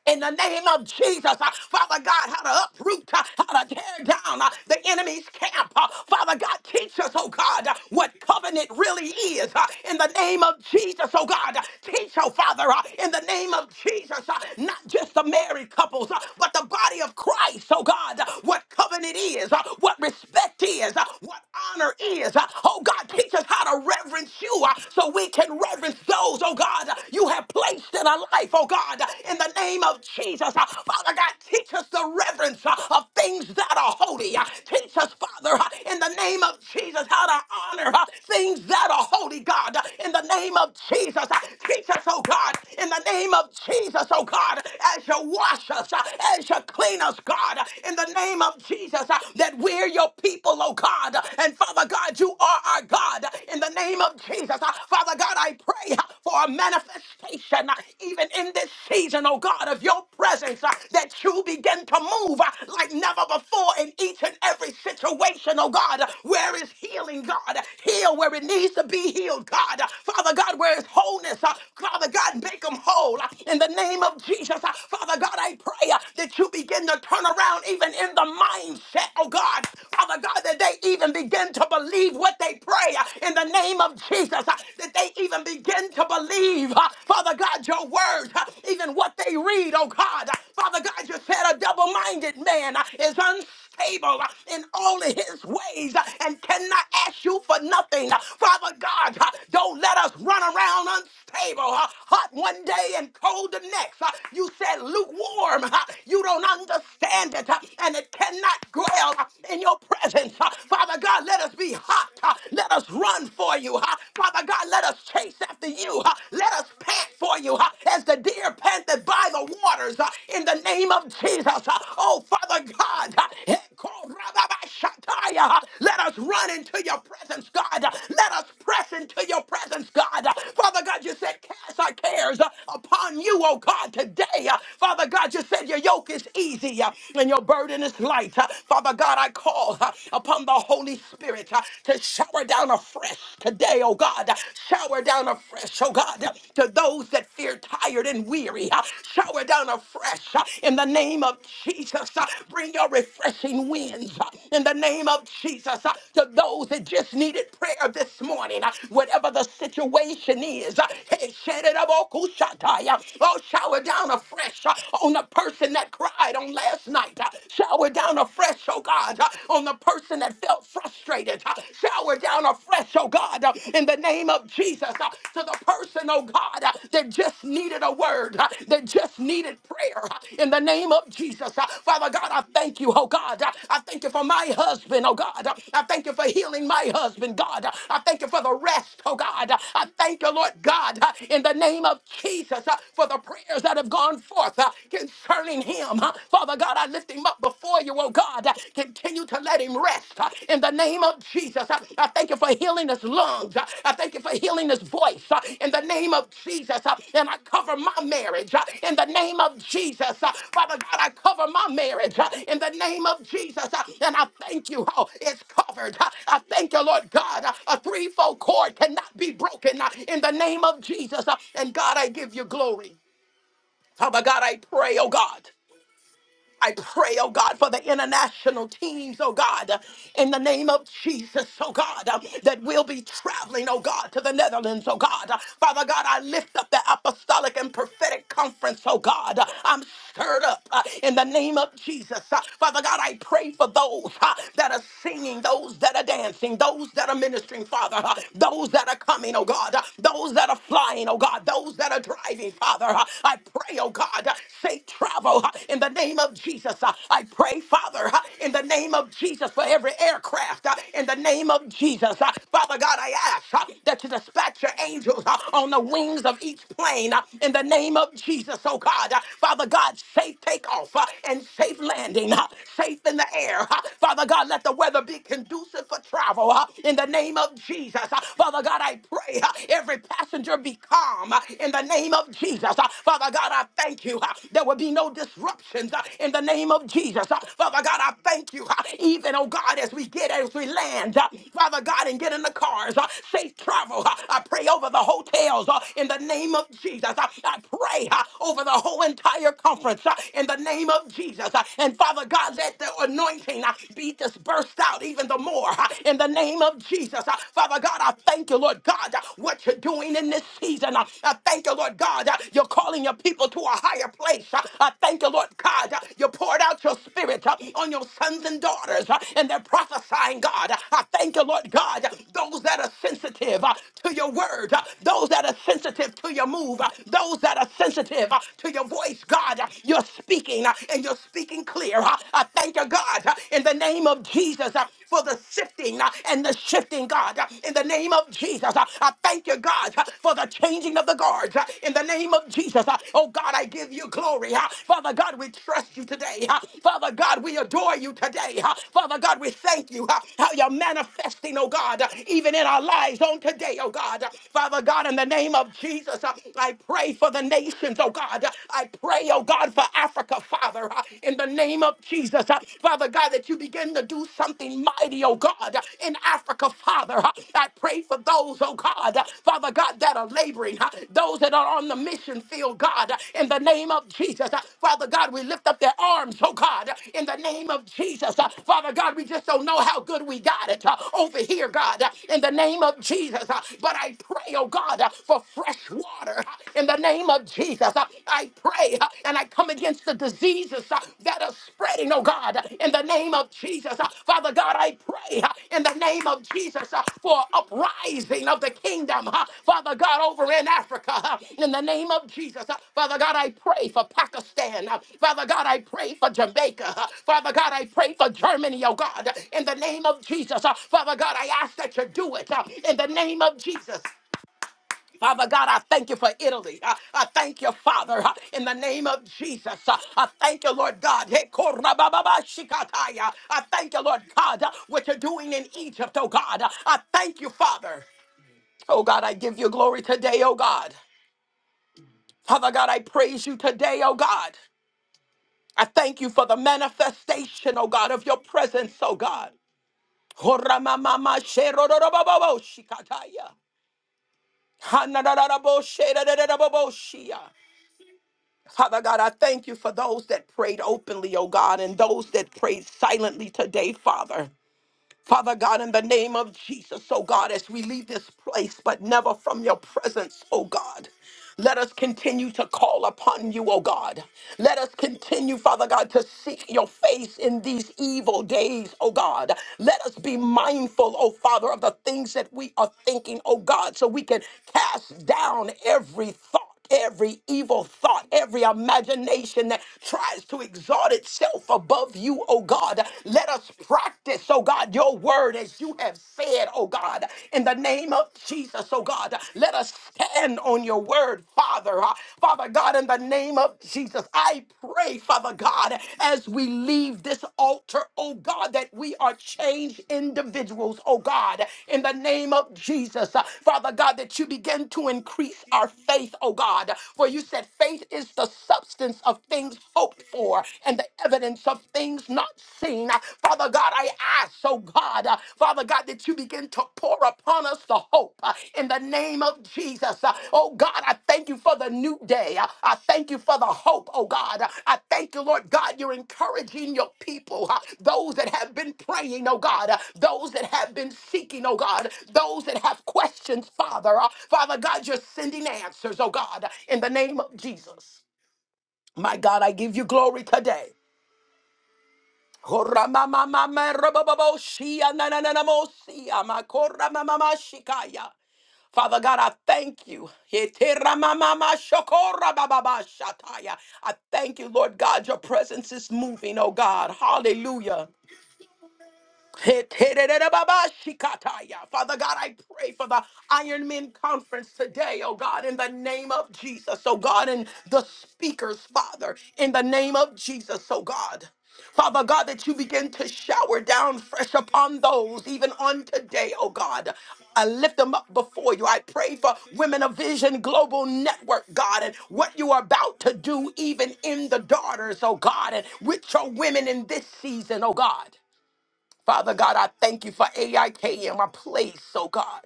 S1: in the name of Jesus, uh, Father God, how to uproot, uh, how to tear down uh, the enemy's camp. uh, Father God, teach us, oh God, uh, what covenant really is uh, in the name of Jesus, oh God. uh, Teach, oh Father, uh, in the name of Jesus, uh, not just the married couples, uh, but the body of Christ, oh God, uh, what covenant is, uh, what respect is, uh, what honor is. uh, Oh God, teach us how to reverence you uh, so we can reverence those, oh God, uh, you have placed than a life, oh God, in the name of Jesus. Uh, Father God, teach us the reverence uh, of things that are holy. Uh, Teach us, Father, uh, in the name of Jesus, how to honor uh, things that are holy, God, uh, in the name of Jesus. Uh, Teach us, oh God, in the name of Jesus, oh God, as you wash us, uh, as you clean us, God, uh, in the name of Jesus, uh, that we're your people, oh God. And Father God, you are our God, in the name of Jesus. Uh, Father God, I pray pray uh, for a manifestation uh, even in this season, oh God, of your presence, uh, that you begin to move uh, like never before in each and every situation, oh God. Uh, Where is healing, God? Heal where it needs to be healed, God. Uh, Father God, where is wholeness? uh, Father God, make them whole uh, in the name of Jesus. Uh, Father God, I pray uh, that you begin to turn around even in the mindset, oh God. Father God, that they even begin to believe what they pray uh, in the name name of Jesus uh, that they even begin to believe, uh, Father God, your words, uh, even what they read, oh God. Uh, Father God, you said a double minded man uh, is unstable uh, in all of his ways uh, and cannot ask you for nothing. Uh, Father God, uh, don't let us run around unstable, uh, hot one day and cold the next. Uh, You said lukewarm, uh, you don't understand it, uh, and it cannot dwell uh, in your presence. Uh, Father God, let us us be hot. huh? Let us run for you. huh? Father God, let us chase after you. huh? Let us pant for you huh? as the deer panted by the waters huh? in the name of Jesus. huh? Oh, Father God, huh? Ekorababashataya, huh? let us run into your presence, God. Let us press into your presence, God. Father God, you said cast our cares uh, upon you, oh God, today. Uh, Father God, you said your yoke is easy uh, and your burden is light. Uh, Father God, I call uh, upon the Holy Spirit uh, to shower down afresh today, oh God. Uh, Shower down afresh, oh God, uh, to those that fear tired and weary. Uh, Shower down afresh uh, in the name of Jesus. Uh, Bring your refreshing wind winds uh, in the name of Jesus. uh, To those that just needed prayer this morning, uh, whatever the situation is, uh, hey, shed it up, oh, kushatai, uh, oh, shower down afresh uh, on the person that cried on last night. uh, Shower down afresh, oh God, uh, on the person that felt frustrated. uh, Shower down afresh, oh God, uh, in the name of Jesus, uh, to the person, oh God, uh, they just needed a word. Uh, They just needed prayer. Uh, In the name of Jesus, Uh, Father God, I thank you, oh God. Uh, I thank you for my husband, oh God. Uh, I thank you for healing my husband, God. Uh, I thank you for the rest, oh God. Uh, I thank you, Lord God, uh, in the name of Jesus, uh, for the prayers that have gone forth uh, concerning him. Uh, Father God, I lift him up before you, oh God. Uh, Continue to let him rest rest uh, in the name of Jesus. Uh, I thank you for healing his lungs. Uh, I thank you for healing his voice uh, in the name of Jesus. Uh, And I cover my marriage uh, in the name of Jesus. Uh, Father God, I cover my marriage uh, in the name of Jesus. Uh, And I thank you how it's covered. Uh, I thank you, Lord God. Uh, A threefold cord cannot be broken uh, in the name of Jesus. Uh, And God, I give you glory. Father God, I pray, oh God. I pray, oh God, for the international teams, oh God, in the name of Jesus, oh God, that will be traveling, oh God, to the Netherlands, oh God. Father God, I lift up the apostolic and prophetic conference, oh God. I'm stirred up uh, in the name of Jesus. Uh, Father God, I pray for those uh, that are singing, those that are dancing, those that are ministering, Father, uh, those that are coming, oh God, uh, those that are flying, oh God, those that are driving, Father. Uh, I I pray, oh God, uh, safe travel uh, in the name of Jesus. Uh, I pray, Father, uh, in the name of Jesus, for every aircraft, uh, in the name of Jesus. Uh, Father God, I ask uh, that you dispatch your angels uh, on the wings of each plane, uh, in the name of Jesus, oh God. Uh, Father God, safe takeoff uh, and safe landing, uh, safe in the air. uh, Father God, let the weather be conducive for travel, uh, in the name of Jesus. Uh, Father God, I pray uh, every passenger be calm uh, in the name of Jesus. Uh, Father God, I thank you. uh, There will be no disruptions uh, in the name of Jesus. Uh, Father God, I thank you. uh, Even, oh God, as we get, as we land, uh, Father God, and get in the cars, uh, safe travel. uh, I pray over the hotels uh, in the name of Jesus. Uh, I pray uh, over the whole entire conference uh, in the name of Jesus. Uh, And Father God, let the anointing uh, be dispersed out even the more uh, in the name of Jesus. Jesus. Uh, Father God, I thank you, Lord God, uh, what you're doing in this season. Uh, I thank you, Lord God, uh, you're calling your people to a higher place. Uh, I thank you, Lord God, uh, you poured out your spirit uh, on your sons and daughters, uh, and they're prophesying, God. Uh, I thank you, Lord God, uh, those that are sensitive uh, to your word, uh, those that are sensitive to your move, uh, those that are sensitive uh, to your voice, God. Uh, You're speaking, uh, and you're speaking clear. Uh, I thank you, God, uh, in the the name of Jesus uh, for the sifting uh, and the shifting, God. Uh, In the name of Jesus, uh, I thank you, God, uh, for the changing of the guards. Uh, In the name of Jesus, uh, oh God, I give you glory. uh, Father God, we trust you today. uh, Father God, we adore you today. uh, Father God, we thank you uh, how you're manifesting, oh God, uh, even in our lives on today, oh God. Uh, Father God, in the name of Jesus, uh, I pray for the nations, oh God. Uh, I pray, oh God, for Africa, Father, uh, in the name of Jesus, uh, Father God, that you begin to do something mighty, oh God, uh, in Africa, Father. uh, I pray for those, oh God, uh, Father God, that are laboring, uh, those that are on the mission field, God, uh, in the name of Jesus. uh, Father God, we lift up their arms, oh God, uh, in the name of Jesus. uh, Father God, we just don't know how good we got it uh, over here, God, uh, in the name of Jesus. uh, But I pray, oh God, uh, for fresh water uh, in the name of of Jesus, uh, I pray uh, and I come against the diseases uh, that are spreading, oh God, in the name of Jesus. Uh, Father God, I pray uh, in the name of Jesus uh, for uprising of the kingdom, uh, Father God, over in Africa, uh, in the name of Jesus. Uh, Father God, I pray for Pakistan. Uh, Father God, I pray for Jamaica. Uh, Father God, I pray for Germany, oh God, in the name of Jesus. Uh, Father God, I ask that you do it uh, in the name of Jesus. Father God, I thank you for Italy. I, I thank you, Father, uh, in the name of Jesus. Uh, I thank you, Lord God. Hey, korabababa I thank you, Lord God, uh, what you're doing in Egypt, oh God. Uh, I thank you, Father. Oh God, I give you glory today, oh God. Father God, I praise you today, oh God. I thank you for the manifestation, oh God, of your presence, oh God. Horamamama sherororobobo Father God, I thank you for those that prayed openly, oh God, and those that prayed silently today, Father. Father God, in the name of Jesus, oh God, as we leave this place, but never from your presence, oh God. Let us continue to call upon you, O God. Let us continue, Father God, to seek your face in these evil days, O God. Let us be mindful, O Father, of the things that we are thinking, O God, so we can cast down every thought every evil thought, every imagination that tries to exalt itself above you, oh God. Let us practice, oh God, your word as you have said, oh God, in the name of Jesus, oh God. Let us stand on your word, Father. Uh, Father God, in the name of Jesus, I pray, Father God, as we leave this altar, oh God, that we are changed individuals, oh God, in the name of Jesus. Uh, Father God, that you begin to increase our faith, oh God. For you said faith is the substance of things hoped for and the evidence of things not seen. Uh, Father God, I ask, oh God, uh, Father God, that you begin to pour upon us the hope uh, in the name of Jesus. Uh, Oh God, I thank you for the new day. Uh, I thank you for the hope, oh God. Uh, I thank you, Lord God, you're encouraging your people, uh, those that have been praying, oh God, uh, those that have been seeking, oh God, those that have questions, Father. Uh, Father God, you're sending answers, oh God, uh, in the name of Jesus. My God, I give you glory today. Koramamamamarabababoshia nanananamosia makoramamamashikaya. Father God, I thank you. I thank you, Lord God. Your presence is moving, oh God. Hallelujah. Hetererababashikataya. Father God, I pray for the Iron Men conference today, oh God, in the name of Jesus, oh God, and the speakers, Father, in the name of Jesus, oh God. Father God, that you begin to shower down fresh upon those, even on today, oh God. I lift them up before you. I pray for Women of Vision Global Network, God, and what you are about to do, even in the daughters, oh God, and with your women in this season, oh God. Father God, I thank you for AIKM, a place, oh God,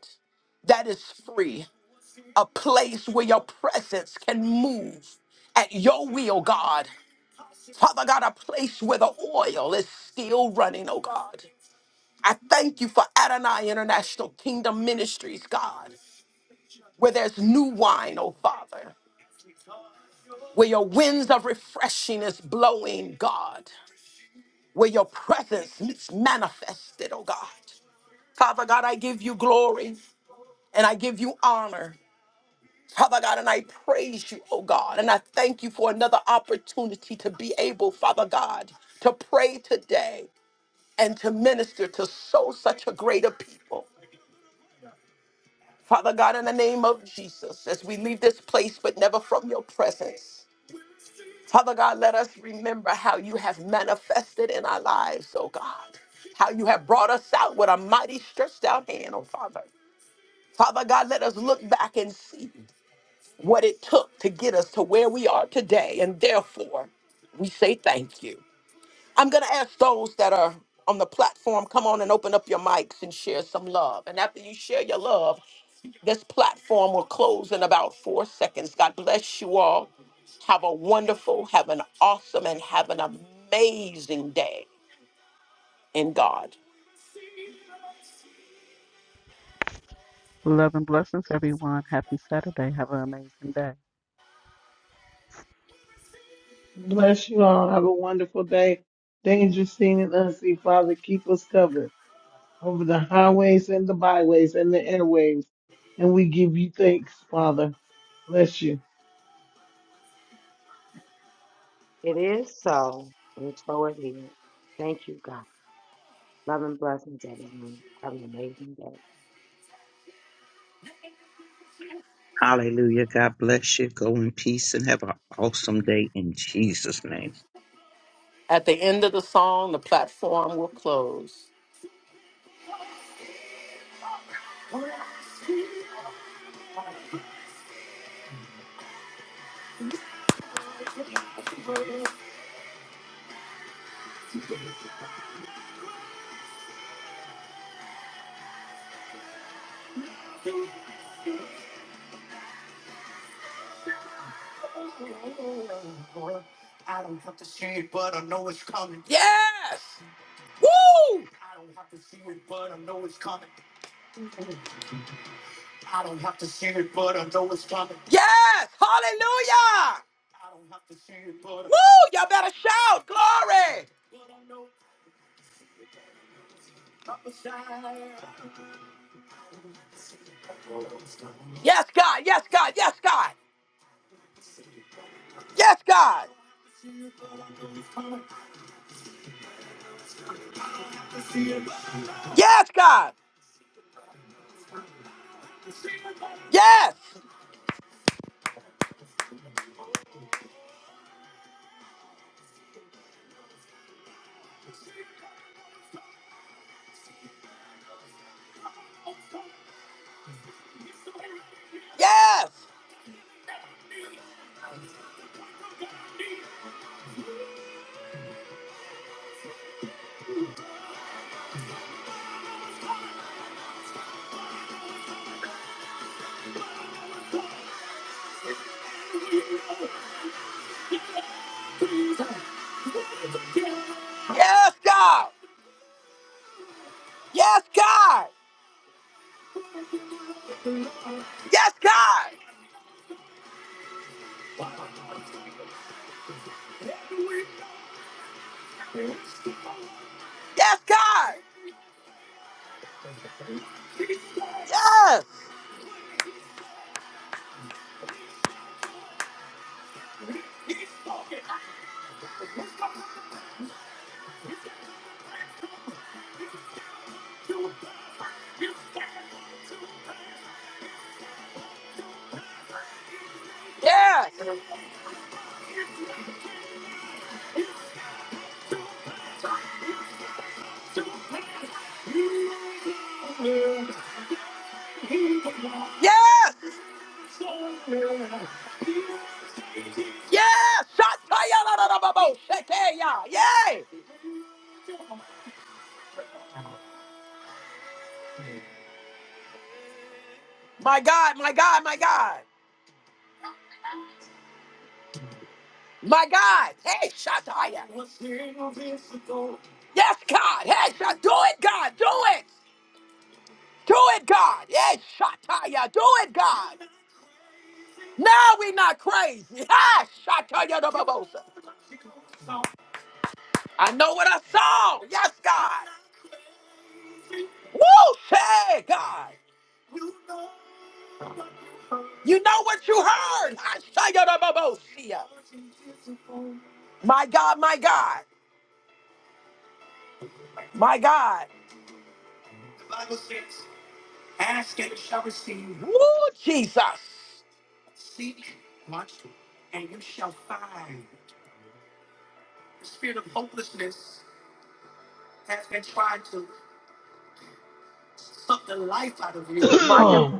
S1: that is free, a place where your presence can move at your will, God. Father God, a place where the oil is still running, oh God. I thank you for Adonai International Kingdom Ministries, God, where there's new wine, oh Father, where your winds of refreshing is blowing, God, where your presence is manifested, oh God. Father God, I give you glory. and I give you honor. Father God, and I praise you, oh God, and I thank you for another opportunity to be able, Father God, to pray today and to minister to so such a greater people. Father God, in the name of Jesus, as we leave this place, but never from your presence. Father God, let us remember how you have manifested in our lives, oh God, how you have brought us out with a mighty stretched out hand, oh Father. Father God, let us look back and see. what it took to get us to where we are today. And therefore, we say thank you. I'm going to ask those that are on the platform, come on and open up your mics and share some love. And after you share your love, this platform will close in about four seconds. God bless you all. Have a wonderful, have an awesome, and have an amazing day in God.
S3: Love and blessings, everyone. Happy Saturday. Have an amazing day.
S2: Bless you all. Have a wonderful day. Danger seen and unseen, Father. Keep us covered over the highways and the byways and the airwaves. And we give you thanks, Father. Bless you.
S4: It is so, and so it is. Thank you, God. Love and blessings, everyone. Have an amazing day.
S5: Hallelujah. God bless you. Go in peace and have an awesome day in Jesus' name.
S1: At the end of the song, the platform will close. Yes! Woo! Yes! Hallelujah! Woo! Y'all better shout! Glory! Yes, God! Yes, God! Yes, God! Yes, God! Yes, God! Yes! Yes! Yes, God! Yes, God! Yes, God! Yes, God! Yes! Yes! Yes! Yes! Shatayala Yay! My God, my God, my God! My God, hey, Shataya. Yes, God. Hey, Shat, do it, God. Do it. Do it, God. Yes, Shataya. Do it, God. Now we not crazy. Ha, Shataya the Babosa. I know what I saw. Yes, God. Woo, say, God. You know what you heard. Hashtag-a-da-ba-bo-sia. My God, my God. My God. Ask and you shall receive. Woo, Jesus. Suck the life out of you. My God.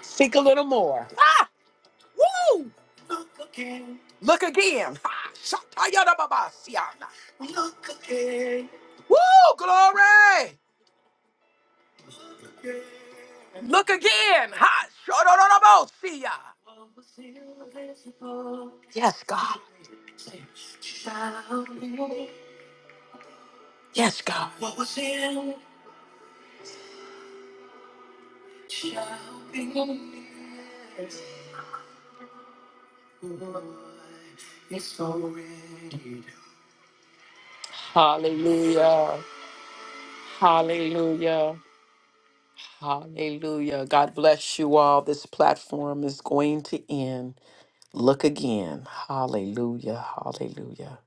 S1: Seek a little more. Ah, woo. Look again. Ah, shatayadababasiana. Woo, glory. Look again. Ha, shodororobosia. Yes, God. Yes, God. Hallelujah. Hallelujah. Hallelujah. God bless you all. This platform is going to end. Look again. Hallelujah. Hallelujah.